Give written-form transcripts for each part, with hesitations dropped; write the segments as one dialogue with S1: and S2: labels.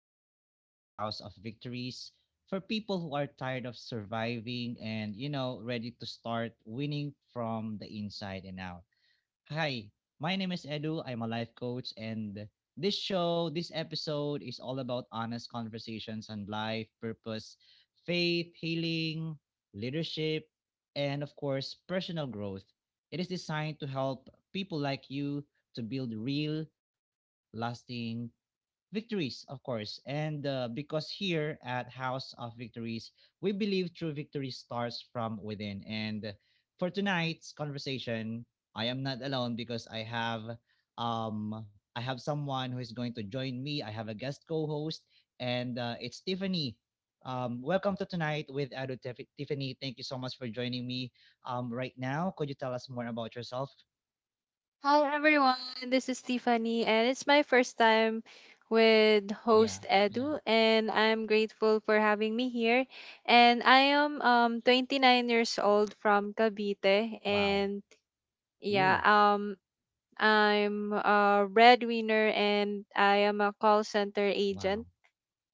S1: a podcast of House of Victories for people who are tired of surviving and, you know, ready to start winning from the inside and out. Hi, my name is Edu. I'm a life coach, and this episode is all about honest conversations on life, purpose, faith, healing, leadership, and, of course, personal growth. It is designed to help people like you to build real lasting victories, of course. And Because here at House of Victories, we believe true victory starts from within. And for tonight's conversation, I am not alone because I have someone who is going to join me. I have a guest co-host, and it's Tiffany. Welcome to tonight with Edu Tiffany. Thank you so much for joining me. Right now, could you tell us more about yourself?
S2: Hi everyone, this is Tiffany, and it's my first time with
S1: Yeah,
S2: host
S1: yeah.
S2: Edu, and I'm grateful for having me here. And I am 29 years old from Cavite,
S1: Wow.
S2: and yeah,
S1: Ooh,
S2: I'm a breadwinner, and I am a call center
S1: wow.
S2: agent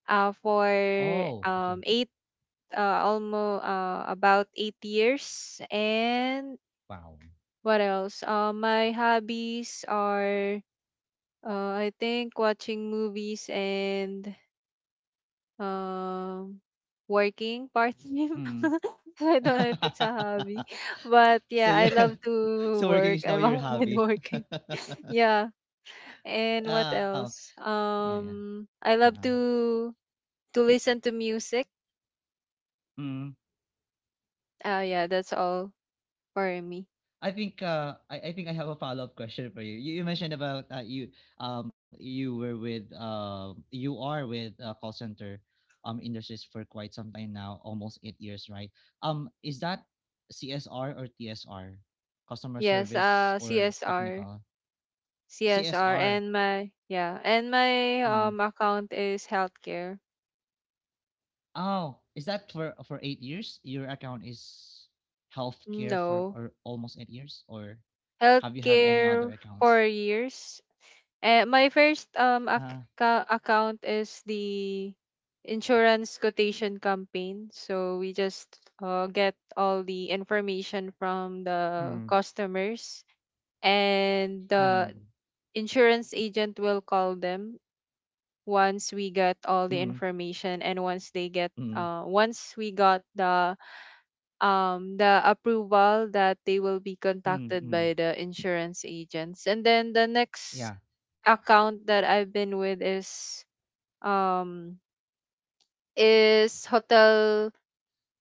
S2: for
S1: Oh, okay.
S2: eight almost about 8 years, and
S1: Wow.
S2: what else? My hobbies are, I think, watching movies and um working part time.
S1: Mm.
S2: I don't know if it's a hobby, but
S1: So
S2: yeah, I
S1: you
S2: love to
S1: so
S2: work.
S1: working is
S2: I'm
S1: now your
S2: always
S1: hobby.
S2: working. Yeah, and what
S1: Oh,
S2: else?
S1: yeah, yeah.
S2: I
S1: Uh-uh.
S2: love to listen to music.
S1: Mm.
S2: Yeah, that's all for me.
S1: I think I have a follow-up question for you. You mentioned about you are with call center industries for quite some time now, almost 8 years, right? Is that CSR or TSR, customer
S2: Yes.
S1: service or
S2: CSR,
S1: technical? CSR.
S2: and my, yeah, and my
S1: Mm.
S2: account is healthcare.
S1: Oh, is that for 8 years? Your account is healthcare for
S2: No.
S1: or almost 8 years, or have you have any
S2: Healthcare
S1: other
S2: for
S1: accounts?
S2: years. And my first
S1: Uh,
S2: account is the insurance quotation campaign. So we just get all the information from the
S1: mm,
S2: customers, and the
S1: mm,
S2: insurance agent will call them once we get all the
S1: mm,
S2: information, and once they get,
S1: mm,
S2: once we got the approval that they will be
S1: mm,
S2: contacted by
S1: mm.
S2: the insurance agents. And then the next
S1: Yeah.
S2: account that I've been with is um hotel,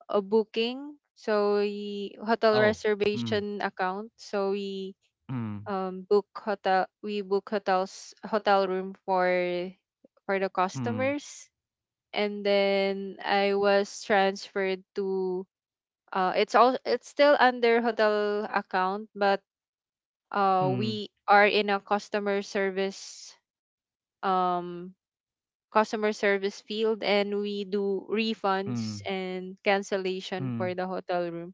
S2: booking, so we, hotel
S1: Oh. Mm,
S2: reservation account, so we
S1: mm,
S2: book hotel, we book hotels, hotel room for the
S1: mm,
S2: customers. And then I was transferred to. It's all, it's still under hotel account, but
S1: mm,
S2: we are in a customer service, um field, and we do
S1: mm,
S2: refunds and cancellation
S1: mm.
S2: for the hotel room.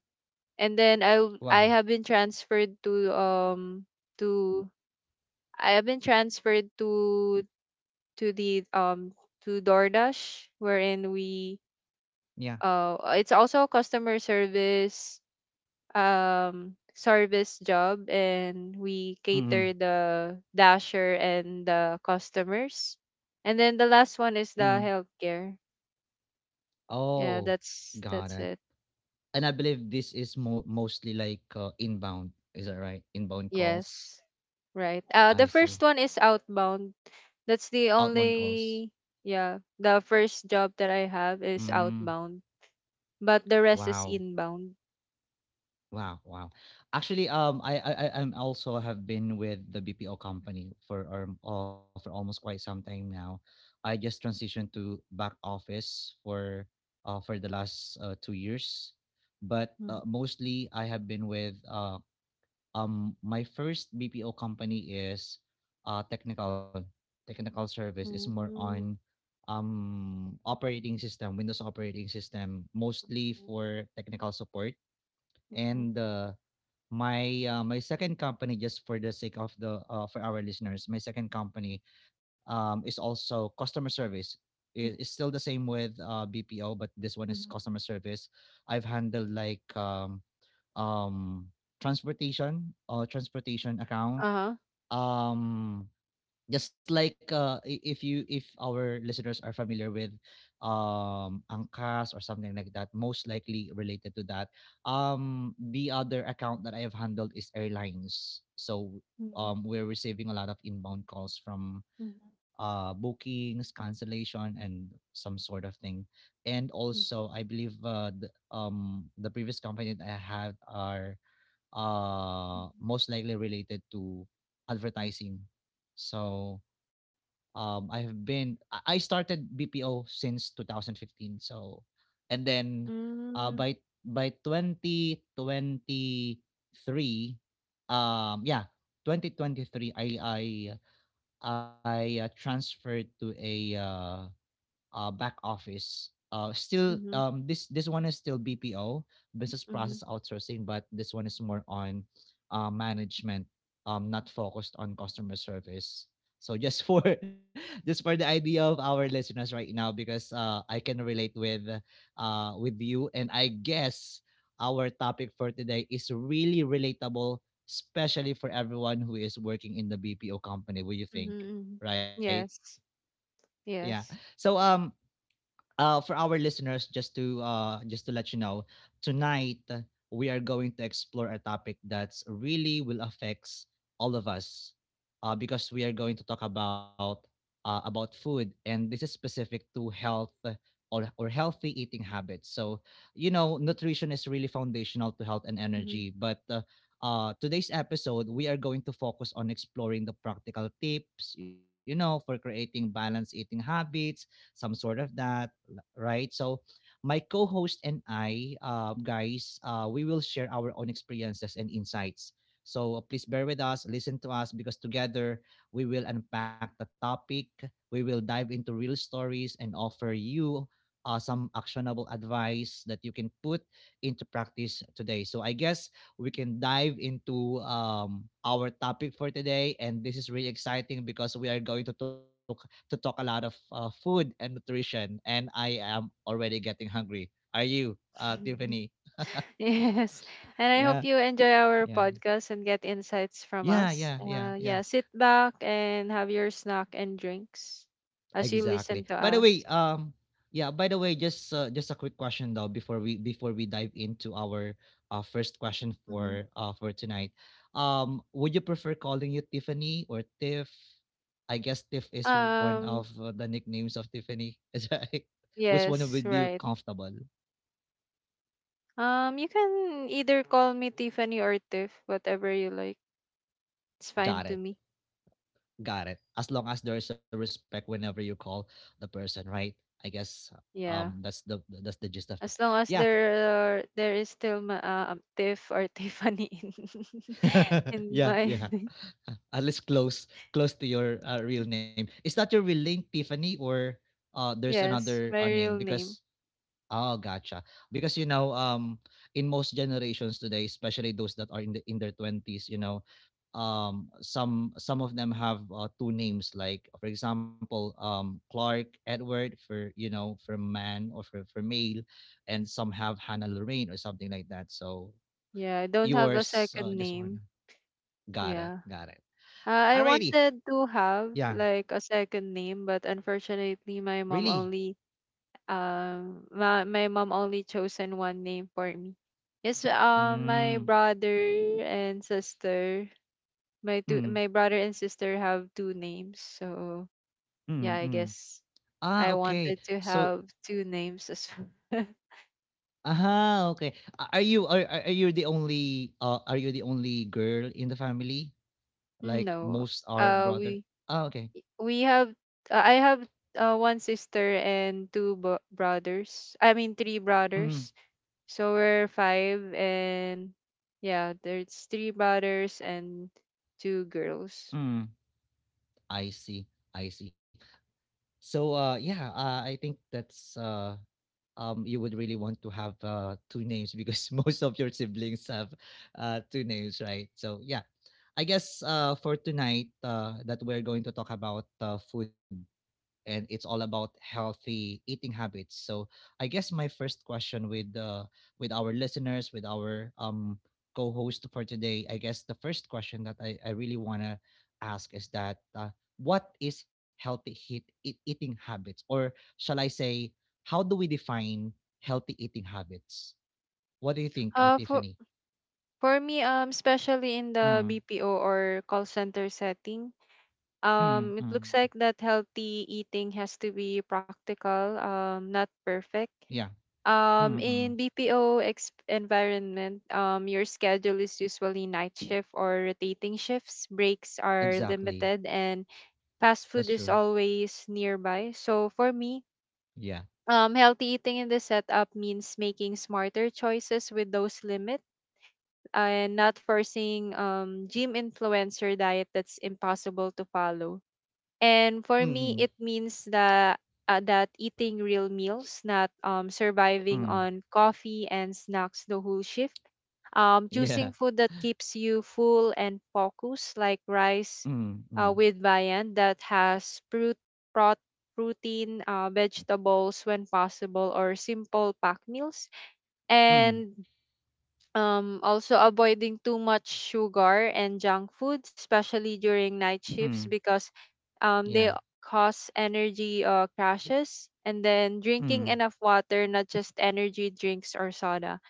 S2: And then I
S1: Wow.
S2: have been transferred to, to, I have been transferred to the, to DoorDash, wherein we,
S1: Yeah.
S2: uh it's also customer service, service job, and we
S1: Mm,
S2: cater the dasher and the customers. And then the last one is
S1: mm.
S2: the healthcare. Yeah,
S1: Oh,
S2: that's
S1: got
S2: that's
S1: it.
S2: it.
S1: And I believe this is mostly like inbound. Is that right? Inbound calls.
S2: Yes, right. The
S1: I
S2: first
S1: see.
S2: one is outbound. That's the
S1: Outbound calls.
S2: only. Yeah, the first job that I have is
S1: Mm.
S2: outbound, but the rest is
S1: Wow.
S2: inbound.
S1: Wow, wow. Actually, I'm also have been with the BPO company for almost quite some time now. I just transitioned to back office for the last 2 years, but
S2: Mhm.
S1: mostly I have been with my first BPO company is, technical service is more
S2: Mhm.
S1: on, operating system Windows operating system mostly for technical support
S2: Mhm.
S1: and my my second company just for the sake of the for our listeners my second company is also customer service it's still the same with bpo but this one
S2: Mhm.
S1: is
S2: Mhm.
S1: customer service. I've handled like um, transportation transportation account,
S2: Uh-huh.
S1: um just like if you if our listeners are familiar with Angkas or something like that, most likely related to that. The other account that I have handled is airlines. So
S2: Mhm.
S1: we're receiving a lot of inbound calls from
S2: Mhm.
S1: bookings, cancellation, and some sort of thing. And also, I believe the previous company that I had are
S2: Mhm.
S1: most likely related to advertising. So I have been I started BPO since 2015, so and then uh
S2: Mhm.
S1: by by 2023, um yeah 2023 I transferred to a back office. Still,
S2: Mm-hmm.
S1: this one is still BPO, business
S2: Mm-hmm.
S1: process outsourcing, but this one is more on management, not focused on customer service. So just for just for the idea of our listeners right now, because I can relate with you, and I guess our topic for today is really relatable, especially for everyone who is working in the BPO company. What do you think?
S2: Mm-hmm.
S1: Right?
S2: Yes.
S1: Yeah.
S2: Yes.
S1: So for our listeners, just to let you know, tonight we are going to explore a topic that's really will affects all of us, because we are going to talk about food, and this is specific to health or healthy eating habits. So you know, nutrition is really foundational to health and
S2: Mm-hmm.
S1: energy, but today's episode, we are going to focus on exploring the practical tips, you know, for creating balanced eating habits, some sort of that right? So my co-host and I, guys, we will share our own experiences and insights. So please bear with us, listen to us, because together we will unpack the topic, we will dive into real stories, and offer you some actionable advice that you can put into practice today. So I guess we can dive into our topic for today, and this is really exciting because we are going to talk a lot of food and nutrition, and I am already getting hungry. Are you, Tiffany?
S2: Yes. And I hope
S1: Yeah,
S2: you enjoy our
S1: yeah,
S2: podcast and get insights from
S1: yeah,
S2: us.
S1: yeah, yeah,
S2: Yeah,
S1: yeah.
S2: sit back and have your snack and drinks as you
S1: Exactly.
S2: listen to
S1: By the way,
S2: us.
S1: yeah. By the way, just a quick question though before we dive into our first question
S2: Mm-hmm.
S1: for tonight. Would you prefer calling you Tiffany or Tiff? I guess Tiff is one of
S2: Um,
S1: the nicknames of Tiffany. Is that right? Which one
S2: yes,
S1: would you
S2: right.
S1: comfortable?
S2: You can either call me Tiffany or Tiff, whatever you like. It's fine
S1: Got
S2: to
S1: it.
S2: me.
S1: Got it. As long as there's a respect whenever you call the person, right? I guess
S2: Yeah.
S1: that's the gist of it.
S2: As long as
S1: Yeah.
S2: there are, there is still Tiff or Tiffany in in
S1: yeah,
S2: my
S1: yeah. At least close to your real name. Is that your real name Tiffany or there's
S2: yes,
S1: another
S2: my
S1: name
S2: real name.
S1: because Oh, gotcha. Because you know, in most generations today, especially those that are in their twenties, you know, some of them have two names, like for example, Clark Edward for you know for man or for male, and some have Hannah Lorraine or something like that. So
S2: Yeah, I don't have a second
S1: yours, just
S2: name.
S1: one.
S2: Yeah.
S1: Got it, got it.
S2: Uh, I wanted
S1: Alrighty,
S2: to have
S1: yeah,
S2: like a second name, but unfortunately
S1: really.
S2: my mom only chosen one name for me. Yes, my
S1: Mm,
S2: brother and sister, my
S1: mm,
S2: brother and sister have two names. So,
S1: mm,
S2: yeah, I
S1: mm.
S2: guess
S1: Ah,
S2: I
S1: okay.
S2: wanted to
S1: So
S2: have two names as well.
S1: Ah, okay. A are you the only, are you the only girl in the family? Like,
S2: No.
S1: most are
S2: Uh
S1: brother?
S2: we
S1: Ah, okay.
S2: we have, I have one sister and brothers. I mean three
S1: Mm,
S2: brothers. So we're five, and yeah, there's three brothers and two girls.
S1: mm. I see, I see. So, yeah, I think that's, you would really want to have, 2 names because most of your siblings have, 2 names, right? So, yeah. I guess, for tonight, that we're going to talk about, food and it's all about healthy eating habits. So I guess my first question with our listeners, with our co-host for today, I guess the first question that I really want to ask is that what is healthy eating habits? Or shall I say, how do we define healthy eating habits? What do you think,
S2: For
S1: Tiffany?
S2: me, especially in the
S1: Mm,
S2: BPO or call center setting,
S1: mm,
S2: it
S1: mm.
S2: looks like that healthy eating has to be practical, not perfect.
S1: Yeah. Mm, mm.
S2: In BPO environment, your schedule is usually night shift or rotating shifts. Breaks are
S1: Exactly.
S2: limited, and fast food
S1: That's
S2: is
S1: true.
S2: always nearby. So for me,
S1: Yeah.
S2: healthy eating in the setup means making smarter choices with those limits, and not forcing gym influencer diet that's impossible to follow. And for
S1: Mm,
S2: me, it means that eating real meals, not,
S1: mm. Mm.
S2: surviving on coffee and snacks the whole shift.
S1: Yeah.
S2: Choosing food that keeps you full and focused, like rice,
S1: Mm, mm,
S2: with viand that has fruit, prot, protein, vegetables when possible, or simple pack meals.
S1: mm,
S2: And, also avoiding too much sugar and junk food, especially during night shifts,
S1: mm,
S2: because, they
S1: yeah,
S2: cause energy, crashes. And then
S1: mm,
S2: drinking enough water, not just energy drinks or soda.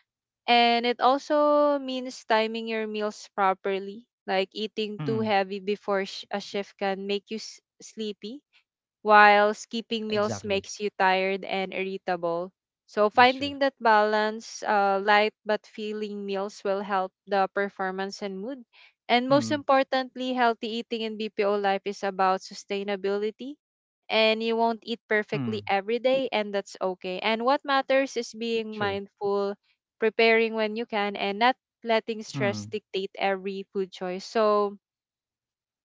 S2: And it also means timing your meals properly. Like eating too
S1: mm,
S2: heavy before a shift can make you sleepy, while skipping
S1: exactly.
S2: meals makes you tired and irritable. So
S1: That's true.
S2: finding that balance, light but filling meals, will help the performance and mood. And most
S1: Mm,
S2: importantly, healthy eating in BPO life is about sustainability. And you won't eat perfectly
S1: mm,
S2: every day, and that's okay. And what matters is being
S1: true.
S2: mindful, preparing when you can, and not letting stress
S1: Mm,
S2: dictate every food choice. So,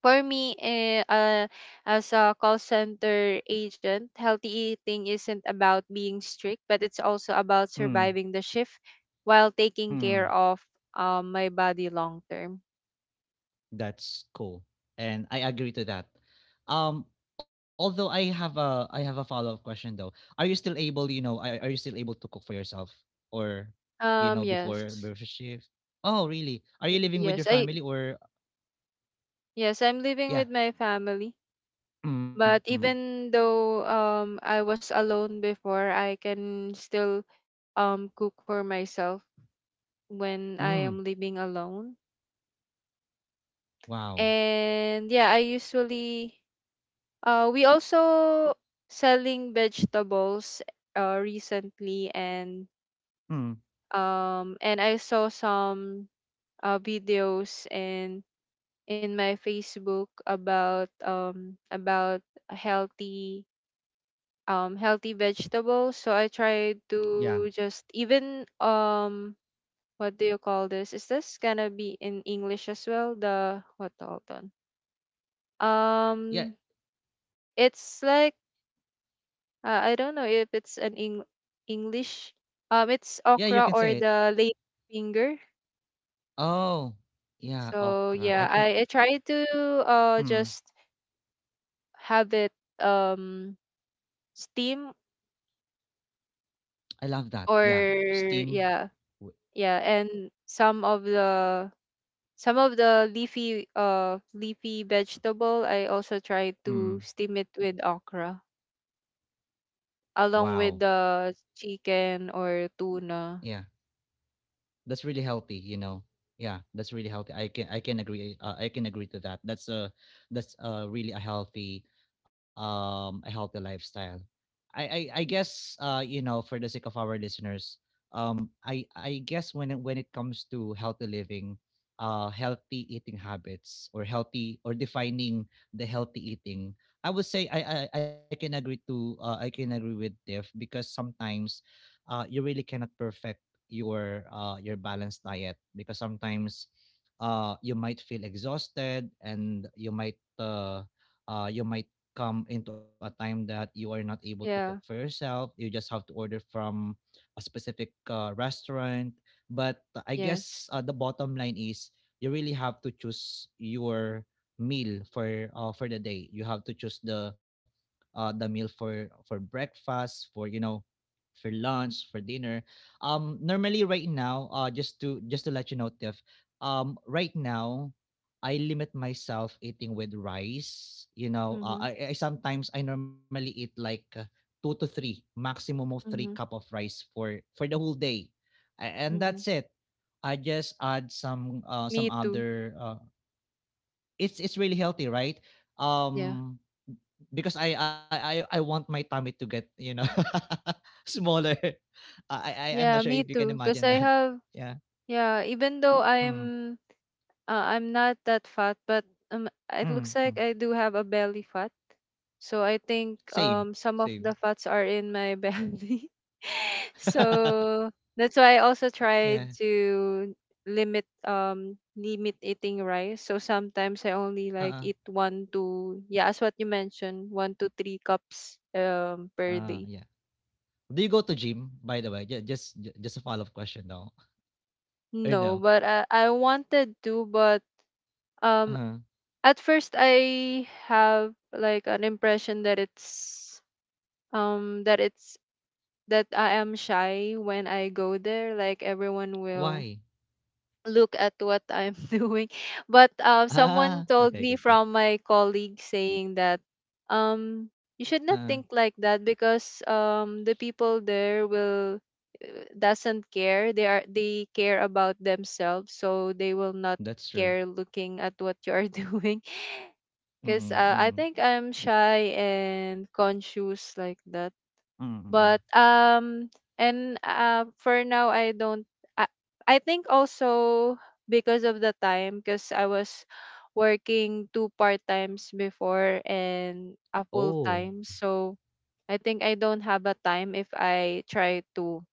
S2: for me, as a call center agent, healthy eating isn't about being strict, but it's also about
S1: mm,
S2: surviving the shift while taking
S1: mm.
S2: care of, my body long term.
S1: That's cool. And I agree to that. Um, although I have a follow-up question though. Are you still able, you know, are you still able to cook for yourself or you know
S2: Yes.
S1: before shift? Oh, really? Are you living with
S2: Yes,
S1: your
S2: I
S1: family or
S2: yes, I'm living
S1: yeah.
S2: with my family.
S1: Mm,
S2: But
S1: mm,
S2: even though, I was alone before, I can still cook for myself when I
S1: mm.
S2: am living alone.
S1: Wow.
S2: And yeah, I usually. We also selling vegetables, recently, and,
S1: Mm,
S2: and I saw some, videos in my Facebook about, healthy, healthy vegetables. So I tried
S1: yeah.
S2: to just even, what do you call this? Is this gonna be in English as well? The what, hold on.
S1: Yeah.
S2: Um it's like, I don't know if it's an English. It's
S1: Yeah, you can
S2: okra
S1: say
S2: or
S1: it.
S2: the lady finger.
S1: Oh, yeah,
S2: So
S1: okra. I
S2: yeah,
S1: think
S2: I try to,
S1: mm,
S2: just have it, um steam,
S1: I love that.
S2: or
S1: Yeah, steam.
S2: yeah,
S1: W
S2: yeah, and some of the leafy vegetable I also try to
S1: Mm.
S2: steam it with okra,
S1: Wow,
S2: along with the chicken or
S1: yeah.
S2: tuna.
S1: That's really healthy you know, yeah, that's really healthy. I can agree I can agree to that. That's a really a healthy lifestyle. I guess you know for the sake of our listeners, I guess when it comes to healthy living, healthy eating habits or healthy or defining the healthy eating, I would say I can agree to I can agree with diff because sometimes you really cannot perfect your balanced diet because sometimes you might feel exhausted and you might come into a time that you are not able to cook for
S2: Yeah.
S1: yourself. You just have to order from a specific restaurant, but I
S2: Yes.
S1: guess the bottom line is you really have to choose your meal for the day. You have to choose the meal for breakfast, for you know for lunch, for dinner. Normally right now, just to let you know, Tiff, right now, I limit myself eating with rice. You know,
S2: Mhm.
S1: I sometimes I normally eat like two to three, maximum of three cup
S2: Mhm.
S1: of rice for the whole day, and
S2: Mhm.
S1: that's it. I just add some
S2: Me too.
S1: other. It's really healthy, right?
S2: Yeah.
S1: Um, because I want my tummy to get you know smaller. I'm not
S2: Yeah,
S1: sure if
S2: me
S1: you can
S2: too. Cause
S1: imagine
S2: I
S1: that.
S2: have,
S1: Yeah.
S2: yeah, even though,
S1: Mm,
S2: I'm not that fat, but, it looks
S1: mm,
S2: like
S1: mm.
S2: I do have a belly fat. So I think,
S1: Same
S2: some
S1: same.
S2: of the fats are in my belly. So that's why I also tried
S1: yeah.
S2: to limit eating rice. So sometimes I only
S1: Uh
S2: like
S1: uh
S2: eat one to, yeah, as what you mentioned, one to three cups, per day.
S1: yeah. Do you go to gym by the way? Just a follow up question though. Or
S2: No,
S1: no?
S2: but I wanted to, but, um
S1: Uh
S2: at first I have like an impression that it's, um that it's that I am shy when I go there. Like everyone will
S1: why?
S2: look at what I'm doing. But, someone
S1: Ah,
S2: told
S1: okay,
S2: me
S1: okay, okay.
S2: from my colleague saying that, um, you should
S1: Uh
S2: not think like that, because, the people there will, doesn't care. They care about themselves, so they will not
S1: that's true.
S2: care looking at what you are doing.
S1: Mm
S2: Because,
S1: mm
S2: I
S1: mm
S2: think I'm shy and conscious like that,
S1: mm.
S2: but, and for now, I don't i, I think also because of the time, because I was working two-part times before and a full
S1: Oh.
S2: time. So I think I don't have a time. If I try to,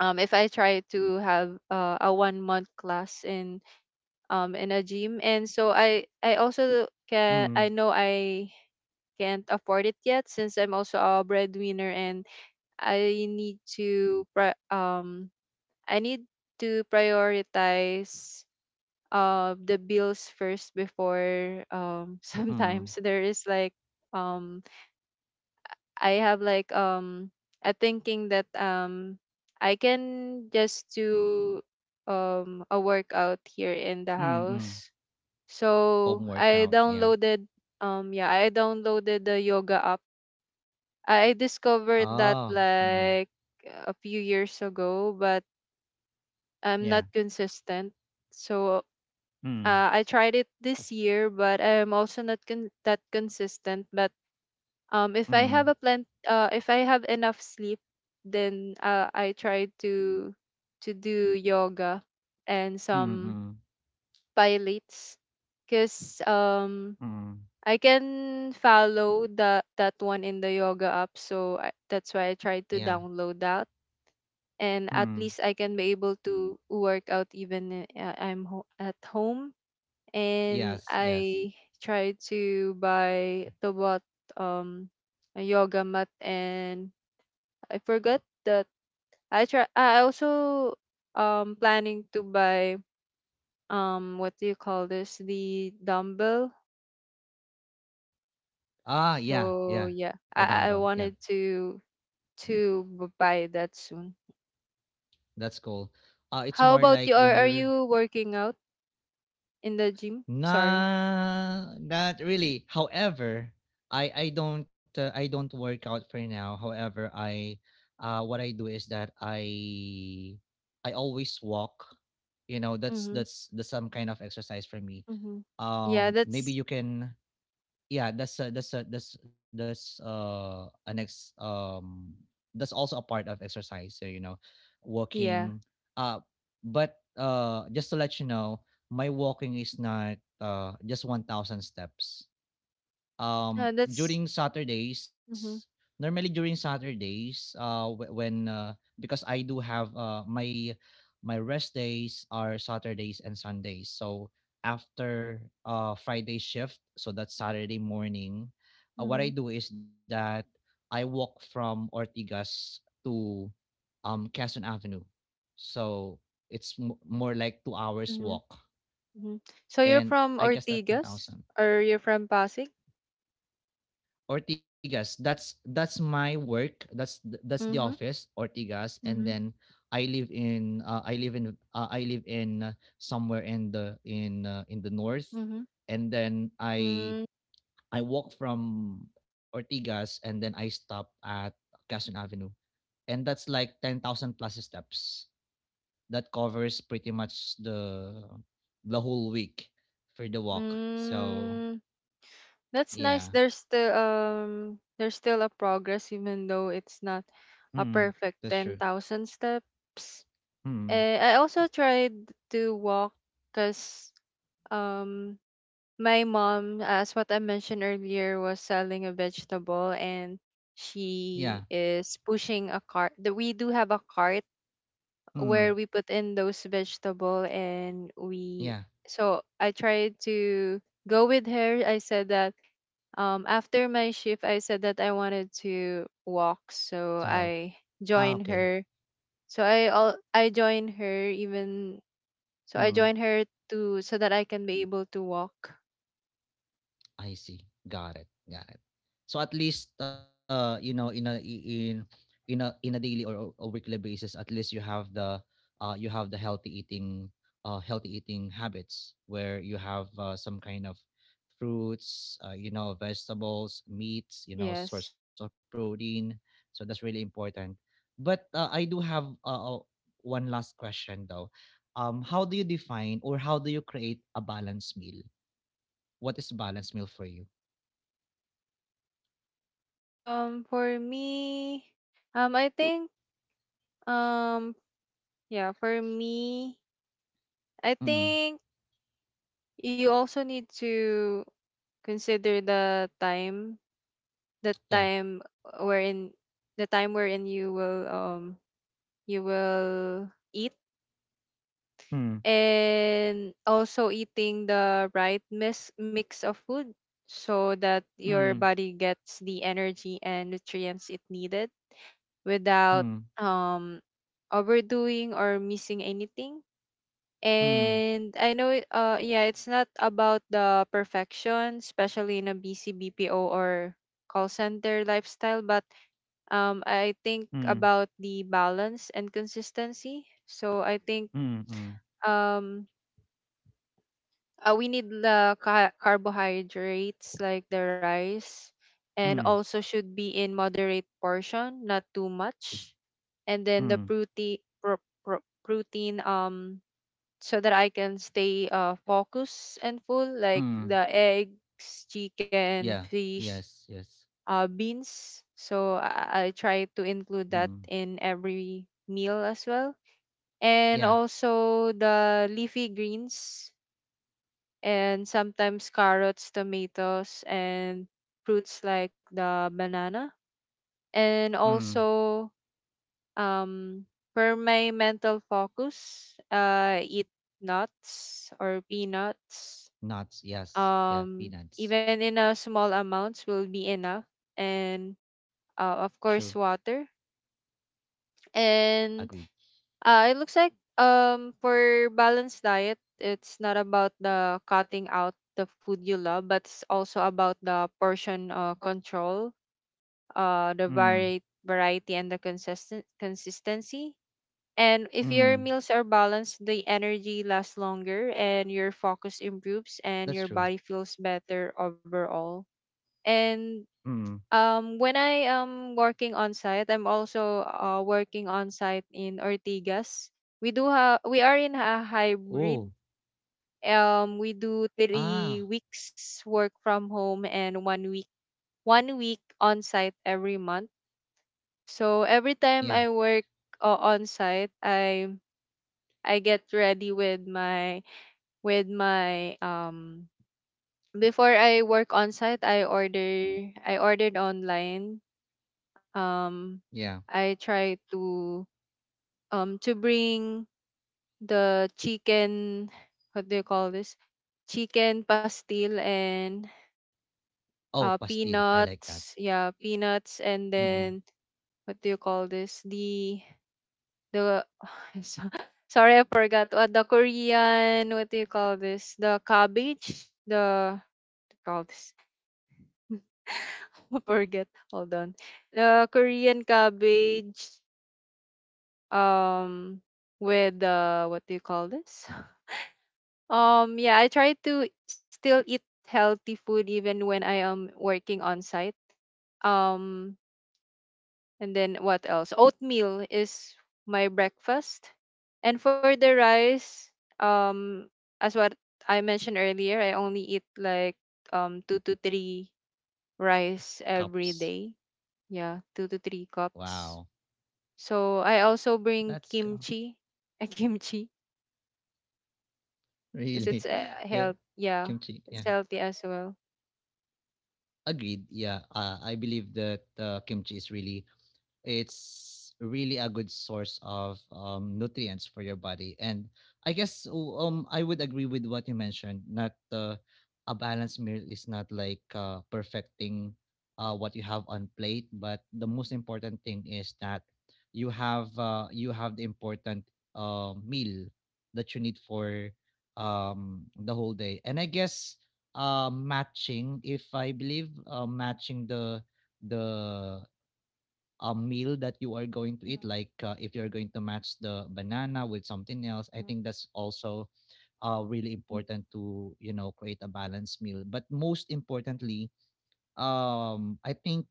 S2: have, a 1 month class in, in a gym, and so I also can, I
S1: Mm
S2: know, I can't afford it yet, since I'm also a breadwinner, and I need to I need to prioritize, the bills first before,
S1: mm
S2: sometimes there is like, um I have like, a thinking that, I can just do, a workout here in the
S1: mm.
S2: house.
S1: Home
S2: So I
S1: workout. Yeah.
S2: downloaded, yeah, I downloaded the yoga app. I
S1: Oh.
S2: discovered that like a few years ago, but
S1: Yeah.
S2: I'm not consistent. So,
S1: Mm.
S2: I tried it this year, but I'm also not con- that consistent. But, if I
S1: Mm.
S2: have a plan, if I have enough sleep, then, I try to do yoga and
S1: Mm,
S2: some
S1: mm,
S2: pilates, cause,
S1: mm.
S2: I can follow that one in the yoga app. So, I, that's why I tried
S1: Yeah.
S2: to download that, and at
S1: Mm.
S2: least I can be able to work out, even, at home. And
S1: Yes, yes.
S2: I try to buy the what, um a yoga mat, and I forgot that, I also, planning to buy, what do you call this, the dumbbell.
S1: Ah, yeah,
S2: So
S1: yeah,
S2: yeah,
S1: the dumbbell.
S2: I
S1: Yeah.
S2: wanted to buy that soon.
S1: That's cool. It's
S2: How
S1: more
S2: about you?
S1: like
S2: Are
S1: when
S2: are
S1: you're
S2: you working out in the gym? Sorry.
S1: nah, not really. However, I don't I don't work out for now. However, I what I do is that I always walk. You know, that's
S2: Mm-hmm.
S1: that's some kind of exercise for me.
S2: Mm-hmm. Yeah,
S1: Um, maybe
S2: that's,
S1: you can yeah that's a, that's a, that's that's an ex that's also a part of exercise, so you know,
S2: yeah.
S1: walking uh but just to let you know, my walking is not just 1000 steps
S2: That's
S1: during Saturdays,
S2: mm-hmm,
S1: normally during Saturdays, wh- when because I do have my my rest days are Saturdays and Sundays. So after Friday shift, so that's Saturday morning, what I
S2: mm-hmm,
S1: do is that I walk from Ortigas to Quezon Avenue. So it's more like 2 hours
S2: mm-hmm,
S1: walk
S2: mm-hmm. So you're
S1: and
S2: from
S1: I guess that
S2: Ortigas
S1: 10,000.
S2: or you're from Pasig?
S1: Ortigas. That's my work. That's the
S2: Mm-hmm,
S1: office, Ortigas, and
S2: mm-hmm,
S1: then I live in somewhere in the in the north,
S2: mm-hmm.
S1: and then
S2: Mm,
S1: I walk from Ortigas and then I stop at Quezon Avenue, and that's like 10,000 plus steps. That covers pretty much the whole week for the walk. So
S2: mm, that's nice.
S1: yeah,
S2: There's still a progress even though it's not a
S1: mm,
S2: perfect
S1: that's true.
S2: 10,000 steps.
S1: Mm,
S2: Eh, I also tried to walk, because, um my mom, as what I mentioned earlier, was selling a vegetable, and she
S1: yeah
S2: is pushing a cart. We do have a cart where we
S1: Mm,
S2: put in those vegetable, and we,
S1: yeah,
S2: so I tried to go with her. I said that After my shift, I said that I wanted to walk, so
S1: to help.
S2: I joined
S1: Ah,
S2: her.
S1: okay.
S2: I joined her even so I joined
S1: Hmm.
S2: her, to so that I can be able to walk.
S1: I see. Got it. Got it. So at least you know, in a daily or weekly basis, at least you have the healthy eating habits where you have some kind of fruits, you know, vegetables, meats, you know,
S2: Yes.
S1: source of protein. So that's really important. But I do have one last question though. Um, how do you define or how do you create a balanced meal? What is balanced meal for you?
S2: For me, um, I think, um, yeah, for me, I
S1: Mm.
S2: think you also need to consider the time, the
S1: Yeah.
S2: time wherein, the time wherein you will eat,
S1: Mm.
S2: and also eating the right mix of food so that your
S1: Mm.
S2: body gets the energy and nutrients it needed without
S1: Mm.
S2: um overdoing or missing anything.
S1: Mm.
S2: And I know, yeah, it's not about the perfection, especially in a busy BPO or call center lifestyle, but I think
S1: Mm.
S2: about the balance and consistency. So I think
S1: Mm. Mm.
S2: um, we need the carbohydrates like the rice, and
S1: Mm.
S2: also should be in moderate portion, not too much. And then the
S1: Mm.
S2: protein, so that I can stay focused and full, like
S1: Mm.
S2: the eggs, chicken,
S1: Yeah.
S2: fish,
S1: Yes. Yes.
S2: beans. So I try to include
S1: Mm.
S2: that in every meal as well, and
S1: Yeah.
S2: also the leafy greens, and sometimes carrots, tomatoes, and fruits like the banana. And
S1: Mm.
S2: also, um, for my mental focus, eat nuts or peanuts.
S1: Nuts. Yes. Yeah. Peanuts.
S2: Even in a small amounts will be enough. And of
S1: True.
S2: course, water. And
S1: Agreed.
S2: It looks like for balanced diet, it's not about the cutting out the food you love, but it's also about the portion, control, the
S1: Mm.
S2: variety and the consistent consistency. And if
S1: Mm.
S2: your meals are balanced, the energy lasts longer and your focus improves and
S1: That's
S2: your
S1: true.
S2: body feels better overall. And
S1: Mm.
S2: When I am working on site, I'm also working on site in Ortigas. We do have we are in a
S1: Oh.
S2: hybrid. We do
S1: Ah.
S2: 3 weeks work from home and 1 week on site every month. So every
S1: Yeah.
S2: time I work on site, I get ready with my with my um before I work on site, I ordered online.
S1: Yeah.
S2: um I try to bring the chicken, what do you call this, chicken pastil, and
S1: Oh, pastil. I like that.
S2: peanuts, yeah, peanuts. And
S1: Mm.
S2: then what do you call this, the so- sorry, I forgot what the Korean, what do you call this, the cabbage, the what do you call this. I forget. Hold on. The Korean cabbage, um with what do you call this. Yeah, I try to still eat healthy food even when I am working on site. um and then what else, oatmeal is my breakfast. And for the rice, um as what I mentioned earlier, I only eat like two to three rice
S1: Cups.
S2: every day. Yeah, two to three
S1: Wow.
S2: cups. So I also
S1: That's
S2: bring
S1: go-
S2: kimchi, a kimchi,
S1: really.
S2: because it's
S1: Yeah.
S2: health. yeah,
S1: Kimchi. Yeah.
S2: it's healthy as well.
S1: Agreed. Yeah, I believe that kimchi is really, it's really a good source of nutrients for your body, and I guess I would agree with what you mentioned. Not a balanced meal is not like perfecting what you have on plate, but the most important thing is that you have the important meal that you need for the whole day, and I guess matching, if I believe matching the a meal that you are going to eat,
S2: Mm,
S1: like if you're going to match the banana with something else, I
S2: mm,
S1: think that's also really important to you know create a balanced meal. But most importantly, I think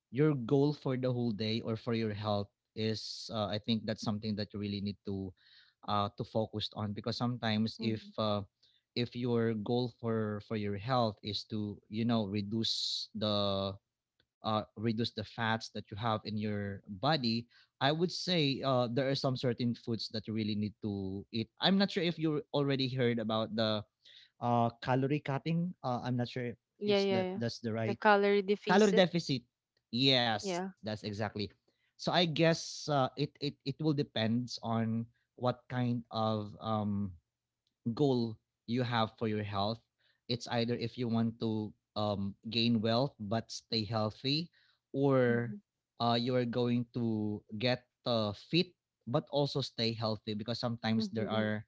S1: your goal for the whole day or for your health is I think that's something that you really need to focus on, because sometimes
S2: mhm.
S1: if your goal for your health is to you know reduce the fats that you have in your body, I would say there are some certain foods that you really need to eat. I'm not sure if you already heard about the calorie cutting. I'm not sure if
S2: Yeah,
S1: it's
S2: yeah,
S1: that
S2: yeah.
S1: that's the
S2: The
S1: right
S2: calorie deficit.
S1: calorie deficit. Yes,
S2: Yeah.
S1: that's exactly. So I guess it will depends on what kind of goal you have for your health. It's either if you want to gain wealth but stay healthy,
S2: Mm-hmm.
S1: or you are going to get fit but also stay healthy, because sometimes
S2: Mm-hmm.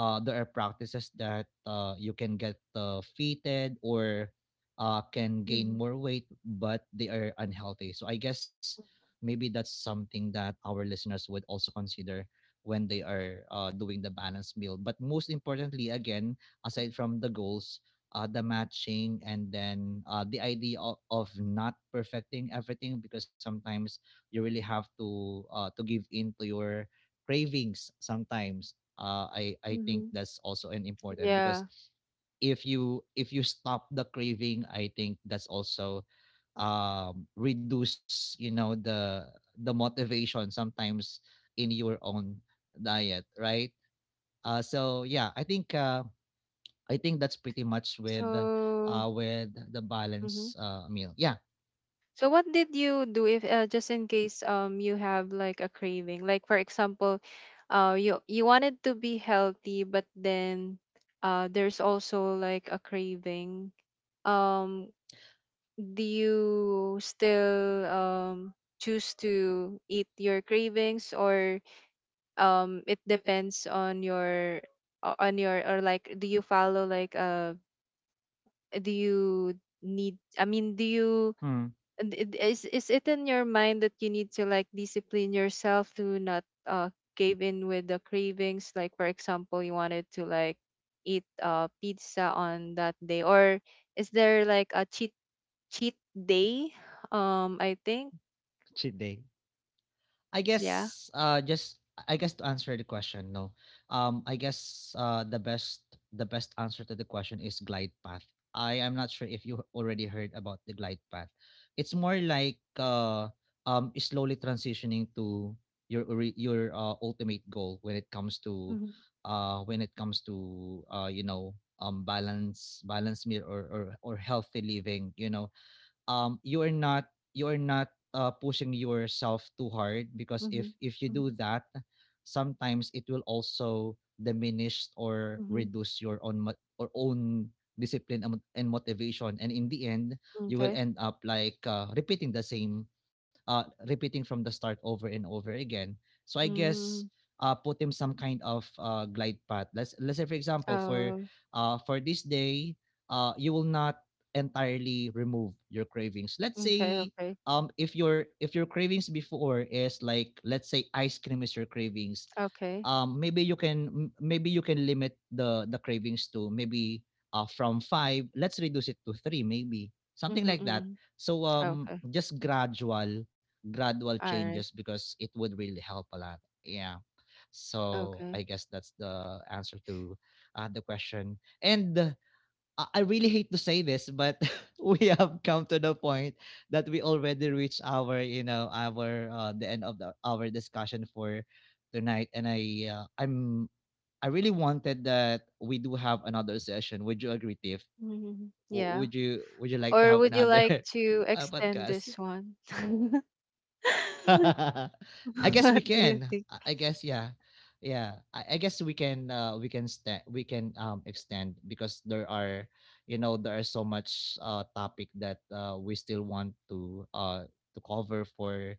S1: there are practices that you can get fitted or can gain
S2: Mm-hmm.
S1: more weight but they are unhealthy. So I guess maybe that's something that our listeners would also consider when they are doing the balanced meal. But most importantly, again, aside from the goals, the matching, and then the idea of not perfecting everything, because sometimes you really have to give in to your cravings. Sometimes I think
S2: Mm-hmm.
S1: that's also an important, because
S2: Yeah.
S1: if you stop the craving, I think that's also reduce you know the motivation sometimes in your own diet, right? So yeah, I think that's pretty much
S2: So,
S1: with the
S2: mm-hmm.
S1: balance meal. Yeah,
S2: So what did you do if, just in case, you have like a craving? Like for example, you wanted to be healthy but then there's also like a craving. Um do you still choose to eat your cravings, or it depends on your, on your, or like do you follow like, do you need I mean do you,
S1: mm,
S2: is it in your mind that you need to like discipline yourself to not uh cave in with the cravings, like for example you wanted to like eat pizza on that day, or is there like a cheat day? I think,
S1: cheat day. I
S2: yeah.
S1: guess just I guess, to answer the question, no. Um, I guess the best answer to the question is glide path. I am not sure if you already heard about the glide path. It's more like slowly transitioning to your ultimate goal when it comes to
S2: Mm-hmm.
S1: when it comes to you know balance meal or or healthy living, you know, you are not pushing yourself too hard, because
S2: Mm-hmm.
S1: if you do
S2: Mm-hmm.
S1: that, sometimes it will also diminish or
S2: Hmm.
S1: reduce your own mo- or own discipline and motivation, and in the end you will
S2: Okay.
S1: end up like repeating the same repeating from the start over and over again. So I guess
S2: Mm-hmm.
S1: put him some kind of glide path, let's say for example
S2: Uh,
S1: for this day you will not entirely remove your cravings. Let's
S2: okay.
S1: say
S2: Okay.
S1: if your cravings before is like, let's say, ice cream is your cravings,
S2: Okay.
S1: maybe you can maybe you can limit the cravings to maybe from 5, let's reduce it to 3 maybe. Something
S2: Mm-hmm.
S1: like that.
S2: Mm-hmm.
S1: So
S2: Okay.
S1: just gradual gradual
S2: All
S1: changes,
S2: right.
S1: because it would really help a lot. Yeah. So I
S2: Okay.
S1: guess that's the answer to the question. And I really hate to say this, but we have come to the point that we already reached our, you know, our the end of the, our discussion for tonight, and I really wanted that we do have another session. Would you agree, Tiff?
S2: Mm-hmm. Yeah.
S1: Would you like to
S2: Or
S1: have
S2: would you
S1: another
S2: like to extend
S1: podcast?
S2: this one?
S1: I guess we
S2: What do you
S1: can.
S2: think?
S1: I guess yeah, yeah. I guess we can. We can stand. We can extend, because there are, you know, there are so much topic that we still want to cover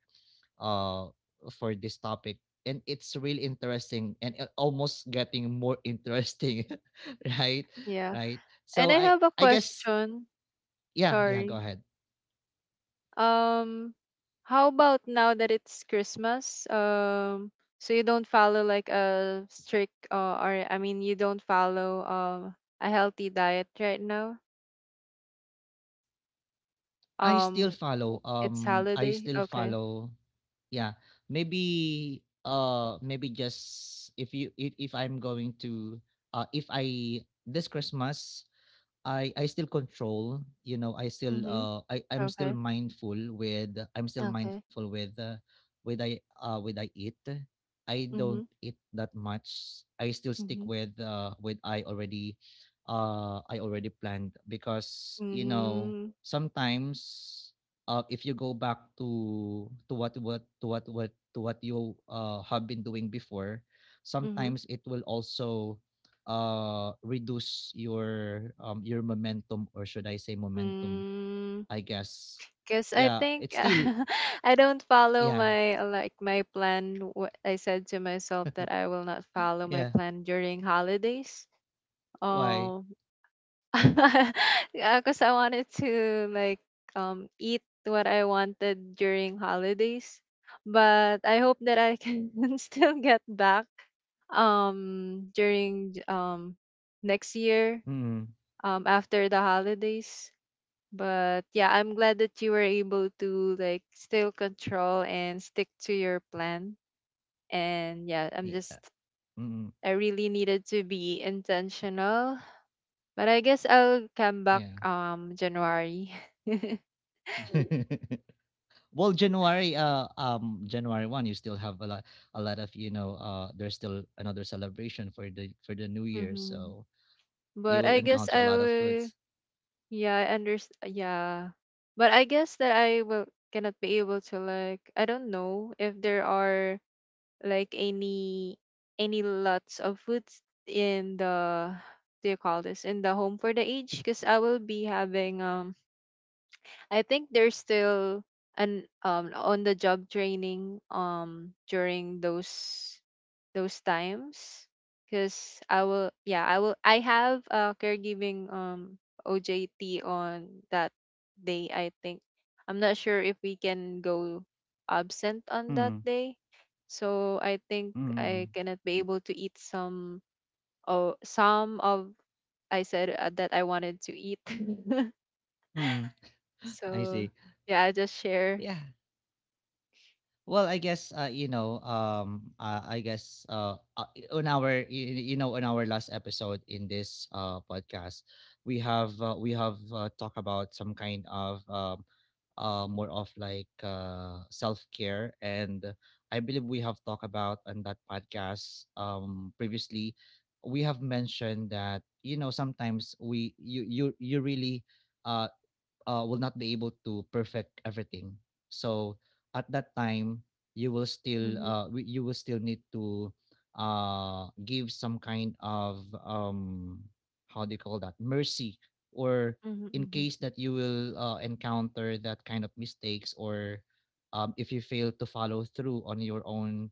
S1: uh for this topic, and it's really interesting and it almost getting more interesting, right?
S2: Yeah.
S1: Right.
S2: And
S1: So
S2: I have a
S1: I guess
S2: question.
S1: yeah, yeah. Go
S2: Sorry.
S1: ahead.
S2: Um, how about now that it's Christmas? So you don't follow like a strict, or I mean, you don't follow a healthy diet right now. Um, it's
S1: I
S2: holiday.
S1: still
S2: Okay.
S1: follow yeah, maybe, maybe just if you if I'm going to, if I this Christmas, I still control, you know, I still
S2: Mhm.
S1: I'm still
S2: Okay.
S1: mindful with I'm still
S2: Okay.
S1: mindful with with I eat. I don't
S2: Mhm.
S1: eat that much. I still stick
S2: Mhm.
S1: with I already planned, because you know
S2: Mm.
S1: sometimes if you go back to what you have been doing before,
S2: Mhm.
S1: sometimes it will also reduce your momentum or should I say momentum,
S2: Mm.
S1: I guess.
S2: Cause I
S1: Yeah,
S2: think
S1: it's still
S2: I don't follow
S1: yeah
S2: my, like, my plan. What I said to myself, that I will not follow my
S1: yeah
S2: plan during holidays.
S1: why
S2: Um, because I wanted to, like, eat what I wanted during holidays, but I hope that I can still get back during, next year,
S1: mm,
S2: after the holidays. But yeah, I'm glad that you were able to, like, still control and stick to your plan. And yeah,
S1: yeah, mm,
S2: I really needed to be intentional. But I guess I'll come back
S1: yeah.
S2: January.
S1: Well, January January 1st, you still have a lot of you know there's still another celebration for the new year,
S2: Mm-hmm.
S1: so you
S2: But
S1: will
S2: I guess
S1: encounter a
S2: I
S1: lot of
S2: will
S1: foods.
S2: Yeah, I understand, yeah. But I guess that I will cannot be able to, like, I don't know if there are like any lots of foods in the, do you call this, in the home for the age, because I will be having, I think there's still an on the job training, during those times, because I will, I have a caregiving, OJT, on that day, I think. I'm not sure if we can go absent on that
S1: mm,
S2: day, so I think I
S1: mm,
S2: cannot be able to eat some, or some of, I said, that I wanted to eat.
S1: mm. I
S2: So
S1: see.
S2: yeah, I just share.
S1: Yeah. Well, I guess you know, I guess on our on our last episode in this podcast, we have talked about some kind of more of like self care, and I believe we have talked about on that podcast previously. We have mentioned that you know sometimes we you you you really. Uh, will not be able to perfect everything. So at that time, you will still
S2: Mm-hmm.
S1: you will still need to give some kind of how do you call that, mercy, or
S2: Hmm.
S1: in
S2: Hmm.
S1: case that you will encounter that kind of mistakes, or if you fail to follow through on your own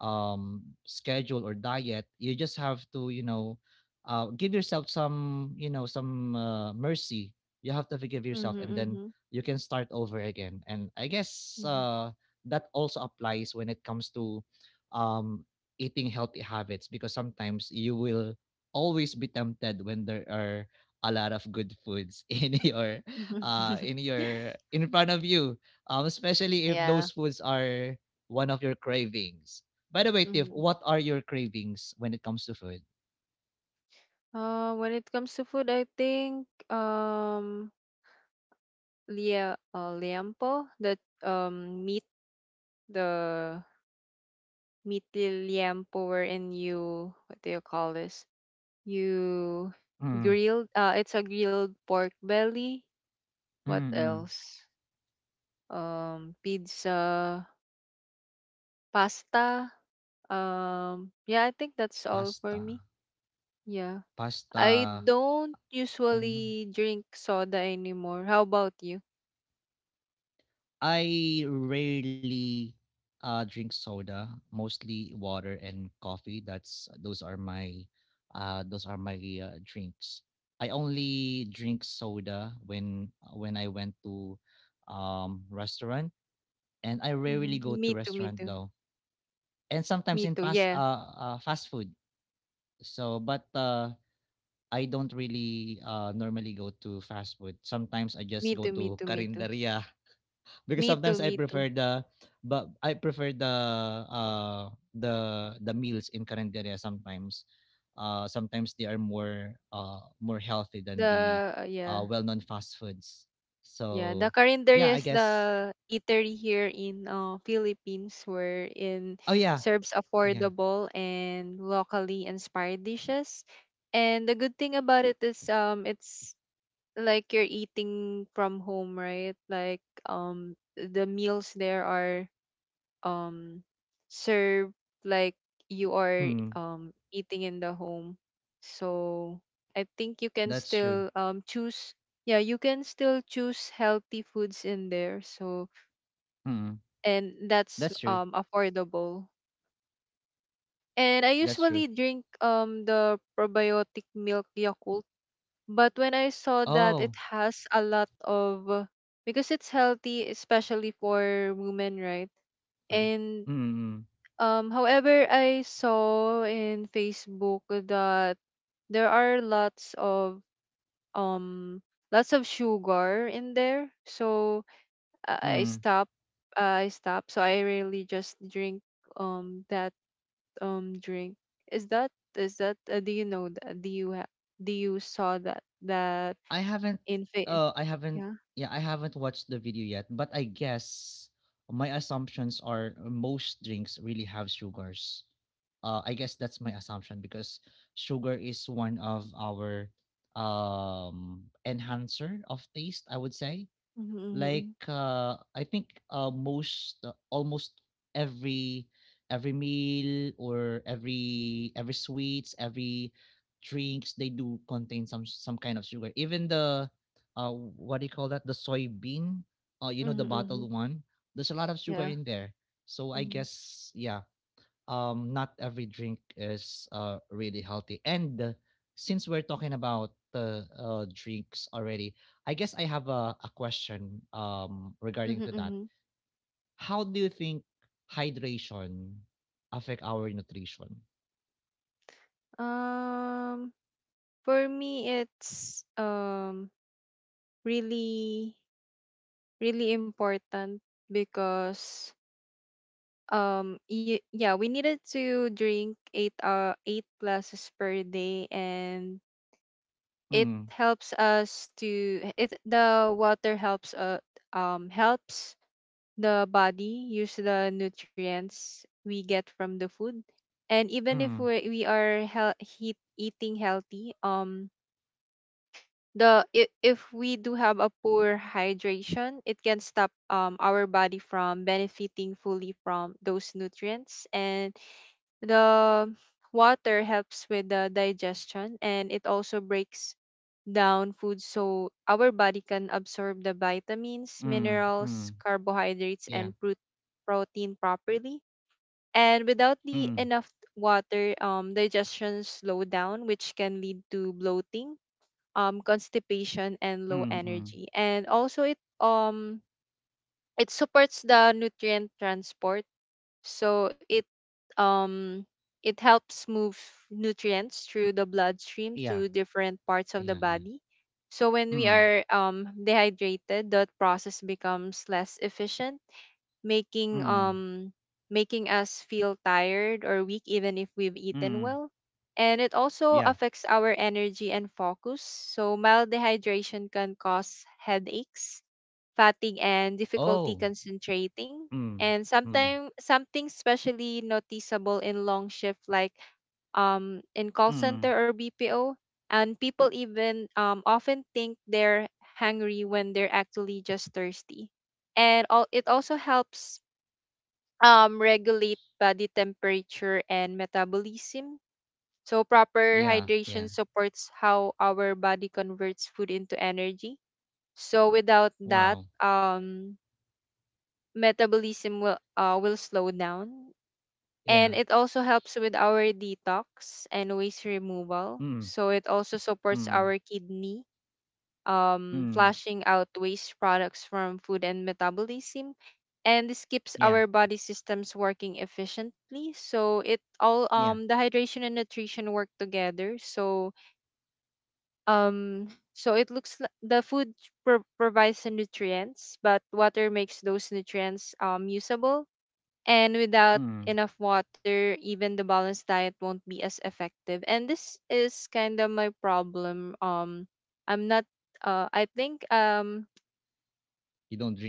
S1: schedule or diet, you just have to give yourself some mercy. You have to forgive yourself,
S2: Hmm.
S1: and then
S2: Hmm.
S1: you can start over again. And I guess that also applies when it comes to um eating healthy habits, because sometimes you will always be tempted when there are a lot of good foods in your
S2: Hmm.
S1: in front of you. Um, especially if
S2: Yeah.
S1: those foods are one of your cravings. By the way, Tiff, what are your cravings when it comes to food?
S2: When it comes to food, I think, liampo, the meat, the liampo wherein you, what do you call this? You
S1: mm,
S2: Grilled, it's a grilled pork belly.
S1: mm,
S2: What
S1: mm.
S2: else? Pizza, pasta. Yeah, I think that's all for
S1: Pasta.
S2: me. Yeah.
S1: Pasta.
S2: I don't
S1: Ano?
S2: usually drink soda anymore. How about you?
S1: I rarely drink soda, mostly water and coffee. That's those are my drinks. I only drink soda when I went to restaurant, and I rarely go
S2: Mm-hmm.
S1: to
S2: Me too, me
S1: restaurant
S2: too.
S1: though. And sometimes
S2: Me
S1: in
S2: too. Yeah.
S1: fast food. So, but I don't really normally go to fast food. Sometimes I
S2: Me
S1: just go
S2: too. Me
S1: to
S2: too. Me too.
S1: Karinderia, because
S2: Me too.
S1: sometimes I
S2: Me too.
S1: prefer the, but I prefer the uh the meals in Carinderia sometimes. Uh, sometimes they are more more healthy than the
S2: The yeah.
S1: well-known fast foods.
S2: Yeah, the
S1: So
S2: calendar
S1: yeah, I
S2: is
S1: guess.
S2: the eatery here in, Philippines, where in
S1: Oh yeah.
S2: serves
S1: Yeah.
S2: affordable and locally inspired dishes. And the good thing about it is, it's like you're eating from home, right? Like, the meals there are, um serve, like you are,
S1: Hmm.
S2: eating in the home. So I think you can
S1: That's true.
S2: still, choose, yeah, you can still choose healthy foods in there. So,
S1: Hmm.
S2: and that's
S1: That's true.
S2: affordable. And I
S1: That's true.
S2: usually drink the probiotic milk, Yakult, but when I saw that it
S1: Oh,
S2: has a lot of, because it's healthy especially for women, right?
S1: for this.
S2: And
S1: Hmm.
S2: However, I saw in Facebook that there are um lots of sugar in there. So I
S1: Hmm, hmm.
S2: stop. I stop. So I really just drink that drink. Is that, do you know that, do you saw that
S1: I haven't
S2: in
S1: I haven't,
S2: yeah.
S1: yeah, I haven't watched the video yet, but I guess my assumptions are most drinks really have sugars. Uh, I guess that's my assumption because sugar is one of our enhancer of taste, I would say.
S2: Mm-hmm, mm-hmm,
S1: Like I think most almost every every meal, or every sweets, every drinks, they do contain some kind of sugar, even the what do you call that, the soybean, you know,
S2: mm-hmm,
S1: the
S2: mm-hmm,
S1: bottled one. There's a lot of sugar
S2: yeah.
S1: in there. So I
S2: Mm-hmm,
S1: guess, yeah, not every drink is really healthy. And since we're talking about the drinks already, I guess I have a question regarding
S2: mm-hmm.
S1: to that.
S2: Mm-hmm.
S1: How do you think hydration affect our nutrition?
S2: Um. For me, it's, really really important, because yeah, we needed to drink eight glasses per day, and it
S1: Mm,
S2: helps us to, it the water helps, helps the body use the nutrients we get from the food, and even if
S1: mm,
S2: we are hel- heat eating healthy, if we do have a poor hydration, it can stop, our body from benefiting fully from those nutrients. And the water helps with the digestion, and it also breaks down food so our body can absorb the vitamins,
S1: mm,
S2: minerals,
S1: mm,
S2: carbohydrates,
S1: yeah,
S2: and protein properly. And without the
S1: mm,
S2: enough water, digestion slow down, which can lead to bloating, constipation, and low
S1: mm, mm,
S2: energy. And also it supports the nutrient transport. So um it helps move nutrients through the bloodstream
S1: yeah,
S2: to different parts of the
S1: yeah, yeah,
S2: body. So when we
S1: mm,
S2: are, dehydrated, that process becomes less efficient, making
S1: mm,
S2: um making us feel tired or weak, even if we've eaten
S1: mm,
S2: well, and it also
S1: yeah,
S2: affects our energy and focus. So mild dehydration can cause headaches, fatigue, and difficulty
S1: oh,
S2: concentrating,
S1: mm,
S2: and
S1: mm,
S2: sometimes something especially noticeable in long shift, like, in call
S1: mm,
S2: center or BPO, and people even, often think they're hungry when they're actually just thirsty. And all, it also helps, regulate body temperature and metabolism. So, proper
S1: yeah, yeah,
S2: hydration supports how our body converts food into energy. So, without that,
S1: wow,
S2: metabolism will slow down,
S1: yeah,
S2: and it also helps with our detox and waste removal.
S1: Mm,
S2: So, it also supports
S1: Mm,
S2: our kidney,
S1: mm,
S2: flushing out waste products from food and metabolism. And this keeps
S1: yeah,
S2: our body systems working efficiently. So it all,
S1: yeah,
S2: the hydration and nutrition work together. So um it looks like the food provides the nutrients, but water makes those nutrients usable, and without
S1: mm.
S2: enough water, even the balanced diet won't be as effective. And this is kind of my problem. I'm not. I think.
S1: You don't drink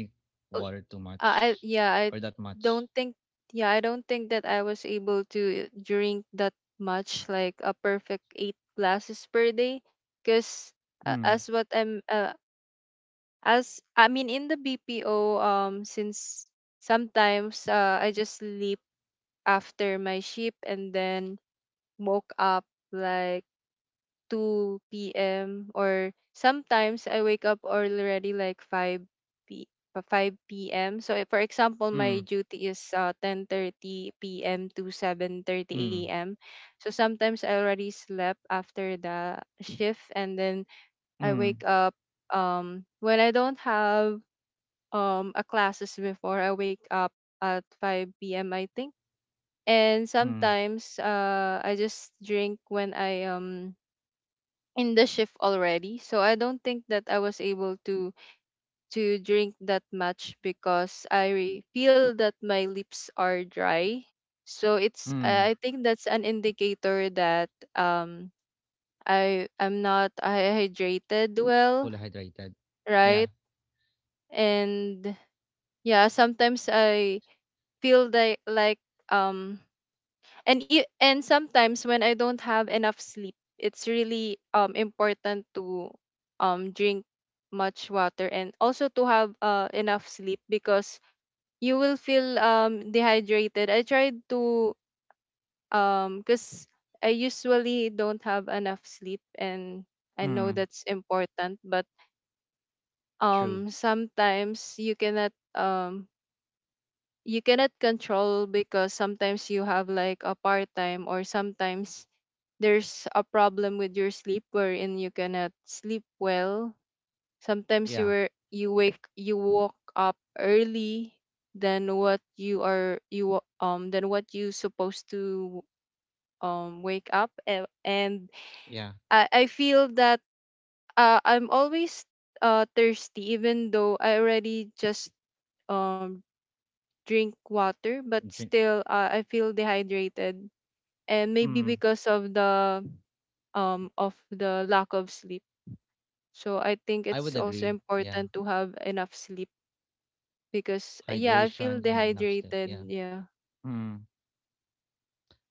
S2: uh,
S1: water too
S2: I
S1: much
S2: yeah.
S1: or
S2: I
S1: that much.
S2: don't think. Yeah, I don't think that I was able to drink that much, like a perfect 8 glasses per day, because,
S1: Mm,
S2: as what I'm. As I mean, in the BPO, since sometimes, I just sleep after my shift and then woke up like 2 p.m. Or sometimes I wake up already like 5 p uh, 5 p.m. So if, for example,
S1: mm,
S2: my duty is 10:30 p.m. to 7:30
S1: mm,
S2: a.m. So sometimes I already slept after the shift and then I
S1: mm,
S2: wake up when I don't have a classes before I wake up at 5 p.m. I think. And
S1: mm,
S2: sometimes I just drink when I in the shift already. So I don't think that I was able to drink that much because I feel that my lips are dry. So it's
S1: mm.
S2: I think that's an indicator that um I I'm not I hydrated well,
S1: Fully hydrated. Yeah,
S2: right? And yeah, sometimes I feel like um and and sometimes when I don't have enough sleep, it's really important to drink much water and also to have enough sleep because you will feel dehydrated. I tried to because I usually don't have enough sleep and I know
S1: mm,
S2: that's important, but
S1: true.
S2: sometimes you cannot control because sometimes you have like a part time or sometimes there's a problem with your sleep wherein you cannot sleep well. Sometimes you
S1: Yeah,
S2: were you wake you woke up early than what you are you wa- than what you supposed to wake up. And
S1: yeah.
S2: I feel that I'm always thirsty even though I already just um drink water but
S1: Drink.
S2: still, I feel dehydrated and maybe
S1: Mm,
S2: because of the lack of sleep. So I think
S1: I would
S2: it's also
S1: agree. Yeah,
S2: important to have enough sleep because yeah, I feel
S1: hydration and enough sleep. Yeah.
S2: dehydrated. Yeah.
S1: Mm.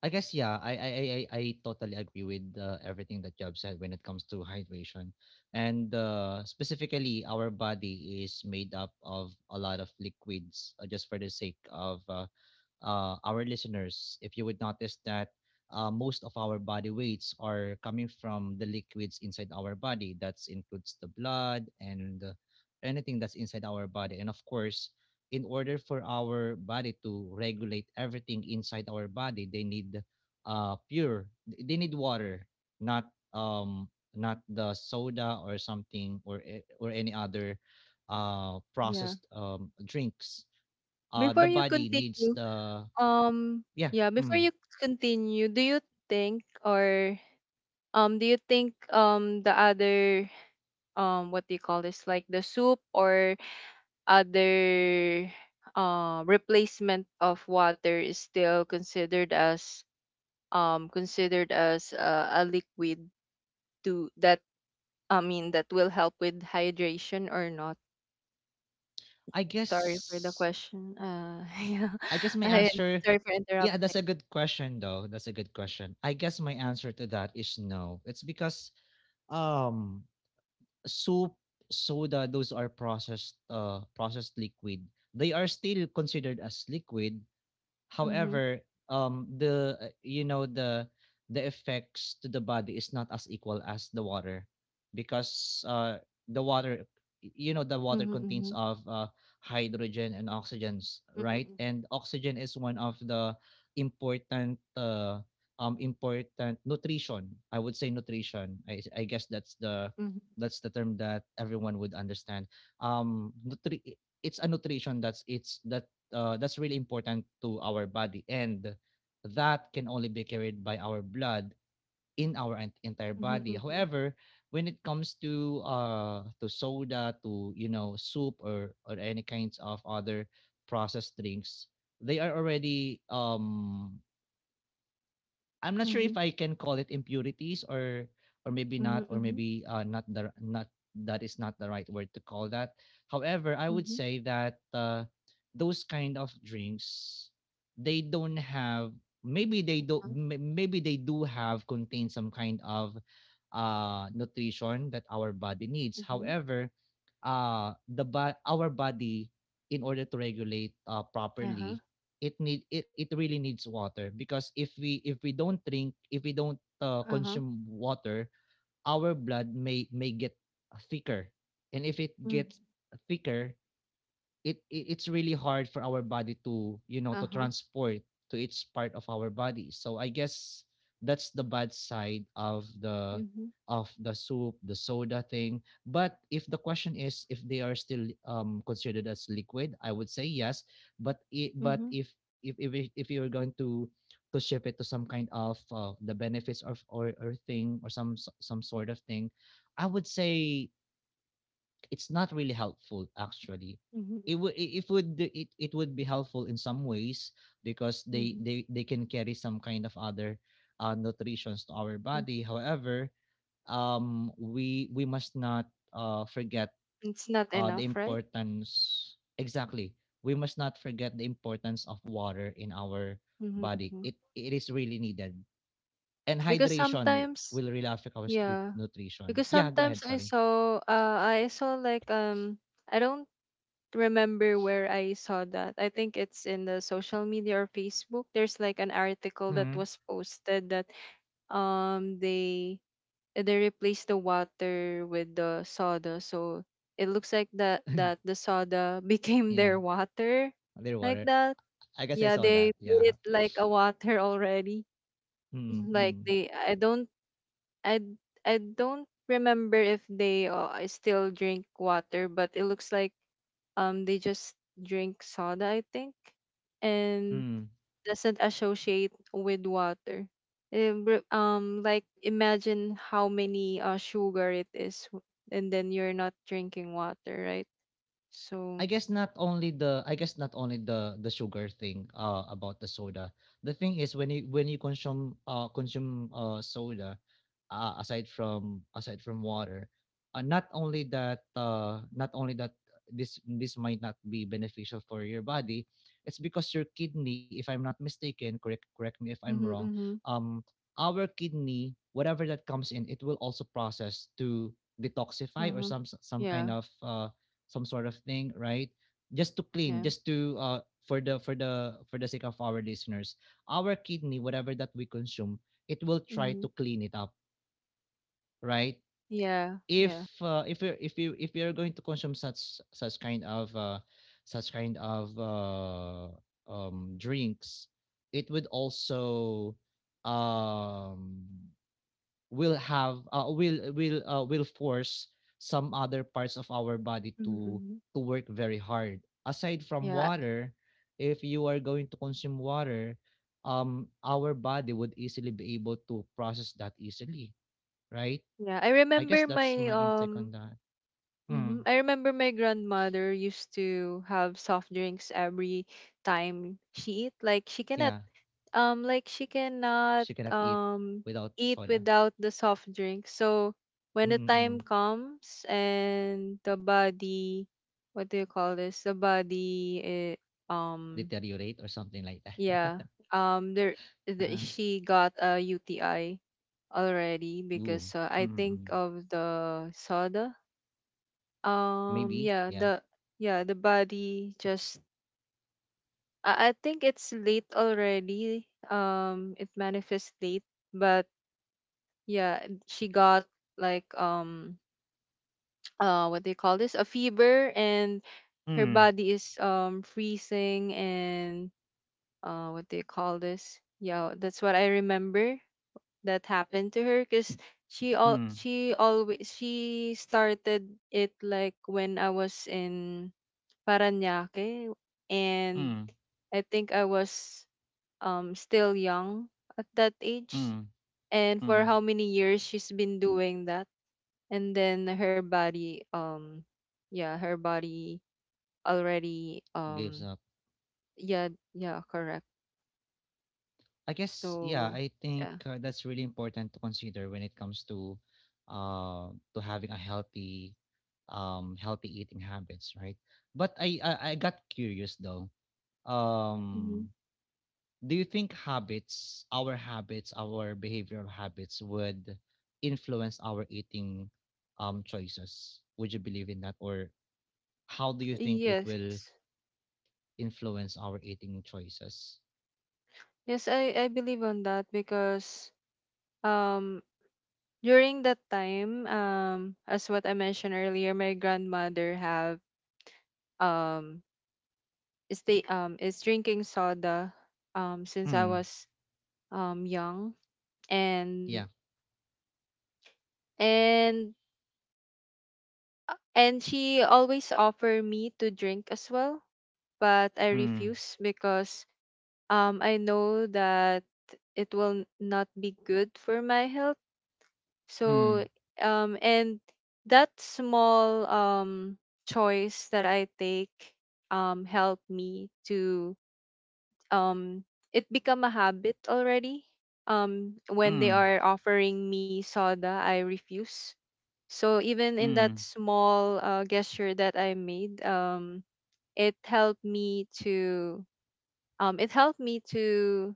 S1: I guess, yeah, I totally agree with everything that Job said when it comes to hydration, and specifically our body is made up of a lot of liquids, just for the sake of our listeners. If you would notice that most of our body weights are coming from the liquids inside our body. That includes the blood and anything that's inside our body. And of course, in order for our body to regulate everything inside our body, they need pure. They need water, not not the soda or something, or or any other
S2: Yeah.
S1: processed drinks.
S2: Before
S1: The
S2: you
S1: body needs
S2: continue,
S1: the,
S2: um
S1: yeah.
S2: yeah, before
S1: Mm.
S2: you continue, do you think or do you think the other what do you call this, like the soup or other replacement of water is still considered as a liquid to that I mean, that will help with hydration or not?
S1: I
S2: Sorry for the
S1: guess
S2: question. Yeah,
S1: I guess my
S2: I
S1: answer,
S2: sorry for
S1: yeah,
S2: interrupting.
S1: that's a good question though. That's a good question. I guess my answer to that is no. It's because um soup, soda, those are processed processed liquid. They are still considered as liquid.
S2: Mm-hmm.
S1: However, the you know, the effects to the body is not as equal as the water, because the water, you know, the water contains
S2: Mm-hmm.
S1: of hydrogen and oxygens, right?
S2: Mm-hmm.
S1: And oxygen is one of the important important nutrition. I would say nutrition. I guess that's the,
S2: Mm-hmm.
S1: that's the term that everyone would understand. Um, nutri- it's a nutrition that's it's that that's really important to our body, and that can only be carried by our blood in our entire
S2: Mm-hmm.
S1: body.
S2: Mm-hmm.
S1: However, when it comes to soda, to, you know, soup, or any kinds of other processed drinks, they are already, I'm not sure
S2: Mm-hmm.
S1: if I can call it impurities, or maybe not, or
S2: Mm-hmm.
S1: maybe not the not, that is not the right word to call that. However, I would
S2: Mm-hmm.
S1: say that those kind of drinks, they don't have, maybe they do, maybe they do have contain some kind of nutrition that our body needs.
S2: Mm-hmm.
S1: However, our body, in order to regulate
S2: Uh-huh.
S1: properly, it really needs water. Because if we, if we don't drink, if we don't
S2: Uh-huh.
S1: consume water, our blood may get thicker. And if it
S2: Mm-hmm.
S1: gets thicker, it's really hard for our body to, you know, to
S2: Uh-huh.
S1: transport to its part of our body. So I guess that's the bad side of the,
S2: Mm-hmm.
S1: of the soup, the soda thing. But if the question is, if they are still considered as liquid, I would say yes. But
S2: Mm-hmm.
S1: if you're going to shift it to some kind of the benefits of, or thing, or some sort of thing, I would say it's not really helpful actually.
S2: Mm-hmm.
S1: It would, it would, it would be helpful in some ways, because they
S2: Mm-hmm.
S1: they they can carry some kind of other nutritions to our
S2: Mm-hmm.
S1: body. However, we must not forget
S2: It's not
S1: the
S2: enough, right?
S1: importance, exactly. We must not forget the importance of water in our
S2: Mm-hmm.
S1: body.
S2: Mm-hmm.
S1: It is really needed. And
S2: Because
S1: hydration
S2: sometimes,
S1: will really affect our street
S2: yeah.
S1: nutrition.
S2: Because
S1: Yeah, go ahead,
S2: sometimes
S1: sorry.
S2: I saw like. I don't remember where I saw that. I think it's in the social media or Facebook. There's like an article that
S1: Mm.
S2: was posted that um they they replaced the water with the soda. So it looks like that that the soda became
S1: Yeah,
S2: their water
S1: their
S2: like
S1: water.
S2: that.
S1: I guess I
S2: Yeah,
S1: saw
S2: they
S1: that. Yeah.
S2: made it like a water already.
S1: Mm,
S2: Mhm. Like
S1: Hmm.
S2: they I I don't remember if they still drink water, but it looks like they just drink soda, I think, and
S1: Mm.
S2: doesn't associate with water. It like imagine how many sugar it is, and then you're not drinking water, right? So
S1: Not only the, not only the sugar thing about the soda. The thing is, when you, when you consume soda, aside from water, not only that this might not be beneficial for your body, it's because your kidney, if I'm not mistaken, correct me if I'm
S2: mm-hmm,
S1: wrong,
S2: mm-hmm,
S1: um our kidney, whatever that comes in, it will also process to detoxify or
S2: uh-huh,
S1: some
S2: yeah,
S1: kind of some sort of thing, right? Just to clean,
S2: yeah,
S1: just to for the, for the sake of our listeners, our kidney, whatever that we consume, it will try
S2: mm-hmm,
S1: to clean it up, right?
S2: yeah,
S1: If
S2: yeah.
S1: if you if you, if you're going to consume such kind of such kind of uh, drinks, it would also um will have will force some other parts of our body
S2: Mm-hmm.
S1: to work very hard. Aside from
S2: Yeah,
S1: water, if you are going to consume water, our body would easily be able to process that easily, right?
S2: yeah. I
S1: I guess
S2: remember
S1: that's
S2: my
S1: my intake
S2: um
S1: on that. Mm,
S2: hmm I remember my grandmother used to have soft drinks every time she eat.
S1: yeah,
S2: Like she cannot
S1: she cannot eat
S2: um
S1: without
S2: eat
S1: soda.
S2: without the soft drink. So when the time
S1: Mm-mm-mm.
S2: comes and the body, what do you call this? The body, um
S1: Deteriorate or something like that.
S2: yeah. Um there
S1: uh,
S2: she got a UTI already
S1: Ooh.
S2: because, I think,
S1: Mm-mm-mm.
S2: of the soda. um,
S1: Maybe,
S2: yeah,
S1: yeah.
S2: the yeah, the body just, I think it's late already. It manifests late, but yeah, she got like what do you call this? A fever, and her
S1: Mm,
S2: body is freezing and what do you call this? Yeah, that's what I remember that happened to her because she all
S1: mm,
S2: she always she started it like when I was in Parañaque, and
S1: mm,
S2: I think I was still young at that age.
S1: mm.
S2: And for
S1: Mm,
S2: how many years she's been doing that, and then her body, yeah, her body already,
S1: gives up.
S2: yeah, yeah, correct.
S1: I guess, yeah,
S2: So
S1: I think
S2: yeah.
S1: that's really important to consider when it comes to having a healthy healthy eating habits, right? But I got curious though.
S2: Mhm.
S1: Um, do you think habits, our behavioral habits would influence our eating choices? Would you believe in that, or how do you think it
S2: Yes,
S1: will influence our eating choices?
S2: yes, I believe on that because um during that time, as what I mentioned earlier, my grandmother have um stay is drinking soda since I
S1: Mm,
S2: was young, and
S1: yeah.
S2: and she always offer me to drink as well, but I
S1: Mm,
S2: refuse because I know that it will not be good for my health.
S1: mm.
S2: So and that small choice that I take help me to um it become a habit already. Um, when they
S1: Mm,
S2: are offering me soda, I refuse. So even in that
S1: mm,
S2: small gesture that I made, it helped me to it helped me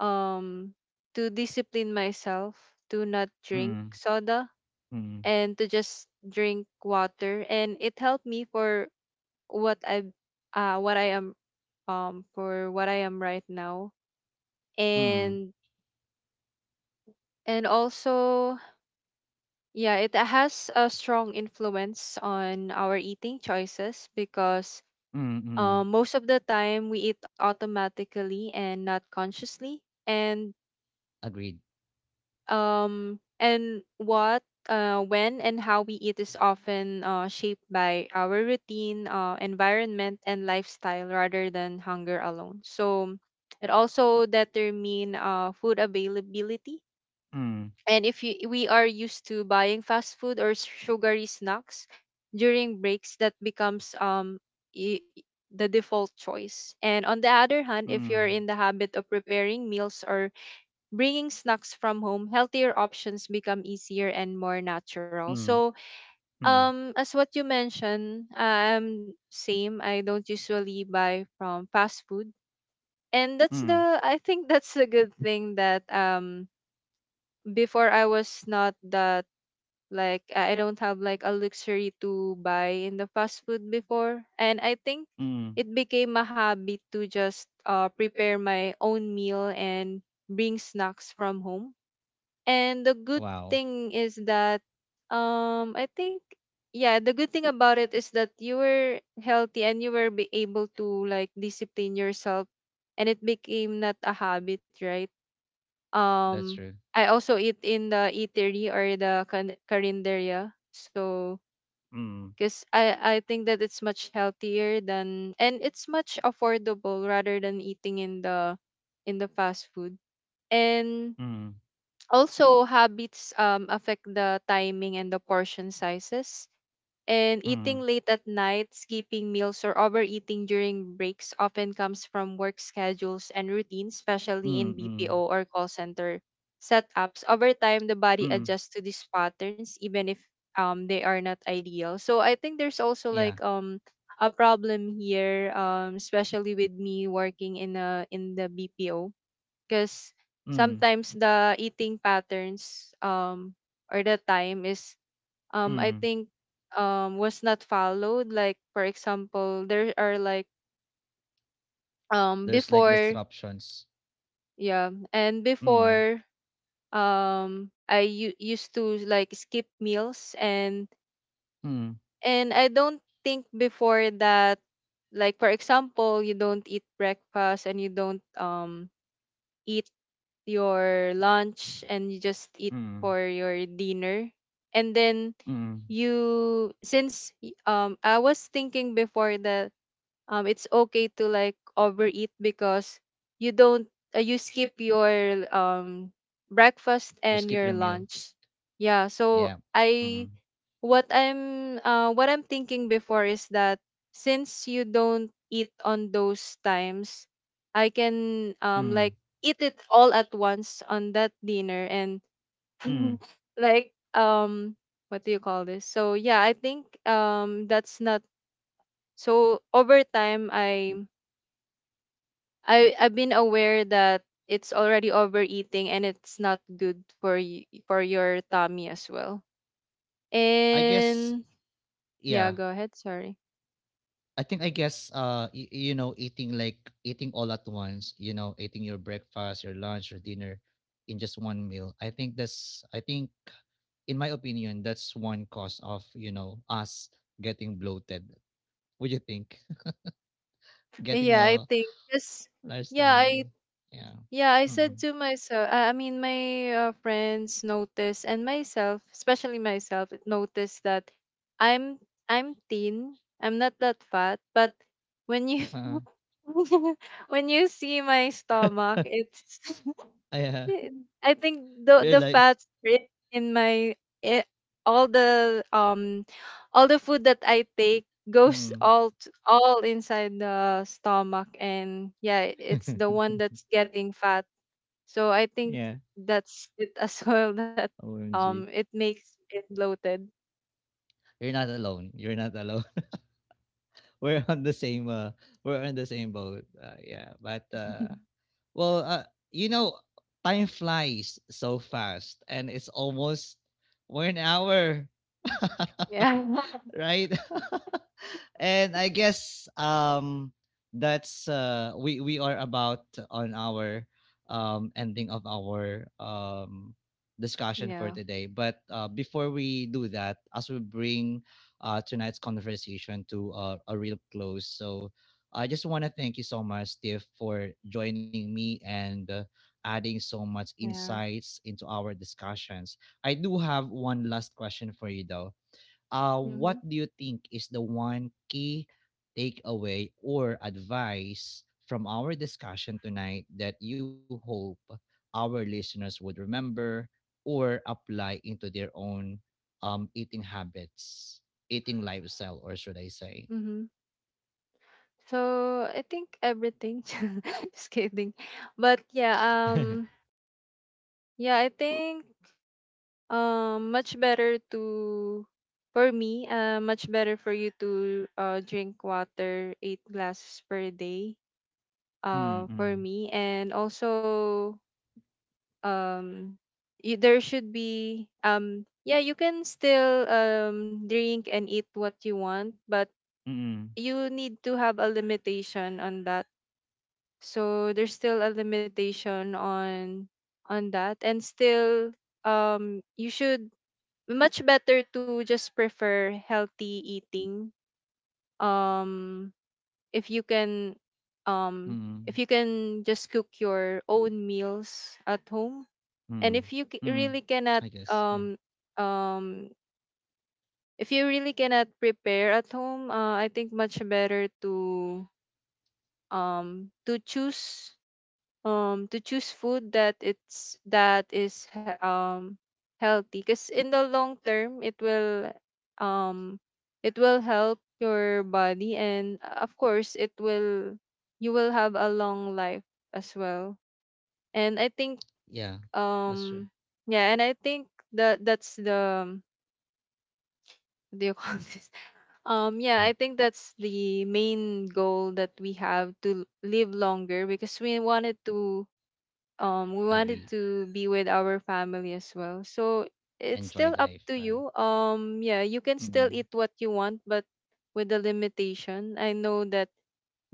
S2: um to discipline myself to not drink
S1: mm,
S2: soda
S1: mm,
S2: and to just drink water, and it helped me for what I what I am, for what I am right now.
S1: mm,
S2: and And also, yeah, it has a strong influence on our eating choices because,
S1: mm, mm.
S2: most of the time we eat automatically and not consciously. And
S1: Agreed.
S2: um, and what, when, and how we eat is often, shaped by our routine, environment, and lifestyle rather than hunger alone. So it also determine, food availability.
S1: Mm,
S2: And if you, we are used to buying fast food or sugary snacks during breaks, that becomes y- the default choice. And on the other hand, if you're
S1: mm,
S2: in the habit of preparing meals or bringing snacks from home, healthier options become easier and more natural. So,
S1: mm, mm,
S2: as what you mentioned, same. I don't usually buy from fast food, and that's
S1: mm,
S2: the. I think that's a good thing that before I was not that like, I don't have like a luxury to buy in the fast food before, and I think
S1: mm.
S2: it became a habit to just, prepare my own meal and bring snacks from home. And the
S1: Wow,
S2: good thing is that I think, yeah, the good thing about it is that you were healthy and you were be able to like discipline yourself, and it became not a habit, right?
S1: that's
S2: Um,
S1: true.
S2: I also eat in the eatery or the carinderia. So,
S1: Mm,
S2: because I think that it's much healthier than and it's much affordable rather than eating in the fast food. And
S1: mm,
S2: also habits affect the timing and the portion sizes. And eating
S1: mm,
S2: late at night, skipping meals, or overeating during breaks often comes from work schedules and routines, especially in
S1: mm,
S2: BPO
S1: mm,
S2: or call center setups. Over time, the body
S1: mm.
S2: adjusts to these patterns, even if they are not ideal. So I think there's also like
S1: Yeah.
S2: a problem here, especially with me working in a in the BPO, because
S1: Mm,
S2: sometimes the eating patterns or the time is I
S1: mm.
S2: think was not followed, like for example there are like
S1: There's like
S2: before
S1: disruptions.
S2: yeah and
S1: Mm,
S2: before, I used to like skip meals,
S1: mm,
S2: and I don't think before that, like for example, you don't eat breakfast and you don't eat your lunch and you just eat for
S1: mm,
S2: your dinner and then
S1: mm.
S2: I was thinking before that it's okay to like overeat because you don't, you skip your um breakfast
S1: You
S2: and
S1: skip your
S2: your
S1: meal.
S2: lunch. yeah so
S1: Yeah. Mm,
S2: i what i'm uh what I'm thinking before is that since you don't eat on those times, I can like
S1: mm,
S2: eat it all at once on that dinner and
S1: mm.
S2: like what do you call this. So yeah, I think that's not, so over time I've been aware that it's already overeating, and it's not good for you for your tummy as well.
S1: I guess,
S2: And yeah,
S1: yeah.
S2: go ahead. Sorry.
S1: I you know eating like, eating all at once, you know, eating your breakfast, your lunch, your dinner in just one meal. I think in my opinion that's one cause of, you know, us getting bloated. What do you think? Getting
S2: Yeah, I
S1: a
S2: think yes.
S1: large
S2: Yeah,
S1: stomach. Yeah.
S2: I said
S1: Mm-mm.
S2: to myself. My friends noticed and myself, especially myself, noticed that I'm I'm thin. I'm not that fat, but when you
S1: Uh,
S2: when you see my stomach, it's
S1: yeah.
S2: I think
S1: You're
S2: the
S1: like
S2: fats are in my eh, all the um all the food that I take goes
S1: mm.
S2: all inside the stomach, and yeah, it's the one that's getting fat. So I think
S1: Yeah.
S2: that's it, as well, that
S1: OMG.
S2: it makes it bloated.
S1: You're not alone. You're not alone. we're on the same uh we're on the same boat. Yeah, but Well, you know, time flies so fast, and it's almost 1 hour.
S2: Yeah,
S1: Right? And I guess that's we are about on our ending of our discussion for
S2: yeah,
S1: today. But before we do that, as we bring tonight's conversation to a real close, so I just want to thank you so much, Steve, for joining me, and adding so much
S2: yeah,
S1: insights into our discussions. I do have one last question for you though.
S2: mm-hmm.
S1: What do you think is the one key takeaway or advice from our discussion tonight that you hope our listeners would remember or apply into their own eating habits, eating lifestyle, or should I say?
S2: Mm-hmm. So I think everything, just kidding, but yeah, um yeah I think, um, much better to, for me, much better for you to drink water 8 glasses per day.
S1: Mm-mm.
S2: For
S1: Mm-mm.
S2: me, and also, um, you, there should be you can still drink and eat what you want, but you need to have a limitation on that. So there's still a limitation on that, and still you should, much better to just prefer healthy eating um if you can um if
S1: Mm-mm.
S2: you can just cook your own meals at home.
S1: Mm.
S2: And if you
S1: Mm.
S2: really
S1: I
S2: cannot
S1: guess. Yeah.
S2: um um if you really cannot prepare at home, I think much better to um to choose to choose food that it's that is he- healthy, because in the long term um it will help your body and, of course it will, you will have a long life as well. And I
S1: Yeah.
S2: think
S1: That's true.
S2: um yeah and I think that that's the what do you call this yeah
S1: Mm.
S2: I think that's the main goal, that we have to live longer because we
S1: Agree.
S2: wanted to be with our family as well. So it's
S1: Enjoy
S2: still up
S1: life,
S2: to
S1: right?
S2: you, yeah, you can still
S1: Mm-mm.
S2: eat what you want, but with the limitation. I know that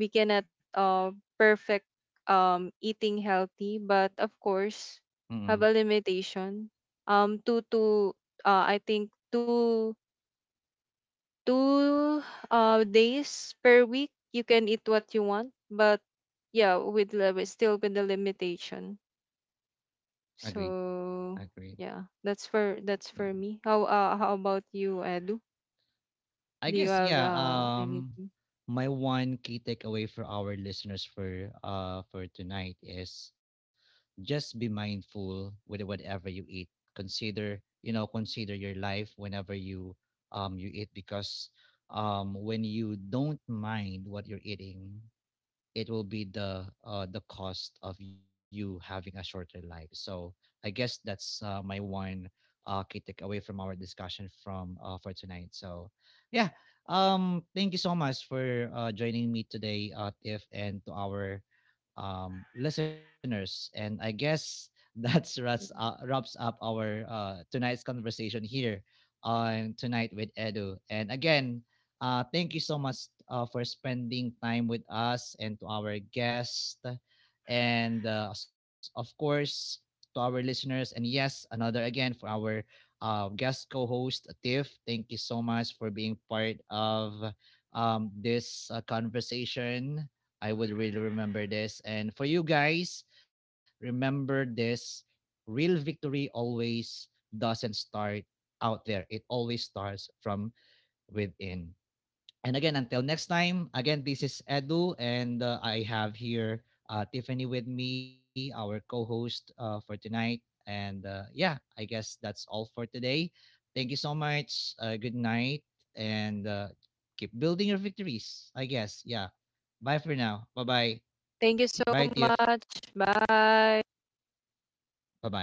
S2: we cannot perfect eating healthy, but of course
S1: Mm-mm.
S2: have a limitation, two to, I think two two days per week you can eat what you want, but yeah, with limit, still with the limitation.
S1: Agreed.
S2: So
S1: Agreed.
S2: yeah, that's for, that's
S1: Yeah.
S2: for me. How, how about you, Edu?
S1: I
S2: Do you
S1: guess,
S2: have
S1: yeah,
S2: anything?
S1: my one key takeaway for our listeners for tonight is just be mindful with whatever you eat. Consider, you know, consider your life whenever you you eat. Because when you don't mind what you're eating, it will be the cost of you having a shorter life. So I guess that's my one key takeaway from our discussion from for tonight. So yeah, thank you so much for joining me today, Tiff, and to our listeners. And I guess that's wraps wraps up our tonight's conversation here on tonight with Edu. And again, thank you so much for spending time with us and to our guest. And of course, to our listeners. And yes, another again for our guest co host, Tiff. Thank you so much for being part of this conversation. I would really remember this. And for you guys, remember this: real victory always doesn't start out there, it always starts from within. And again, until next time, again, this is Edu, and I have here Tiffany with me, our co host for tonight. And yeah, I guess that's all for today. Thank you so much. Good night, and keep building your victories, I guess. Yeah. Bye for now. Bye bye.
S2: Thank you so
S1: Bye, Tiff.
S2: much. Bye.
S1: Bye bye.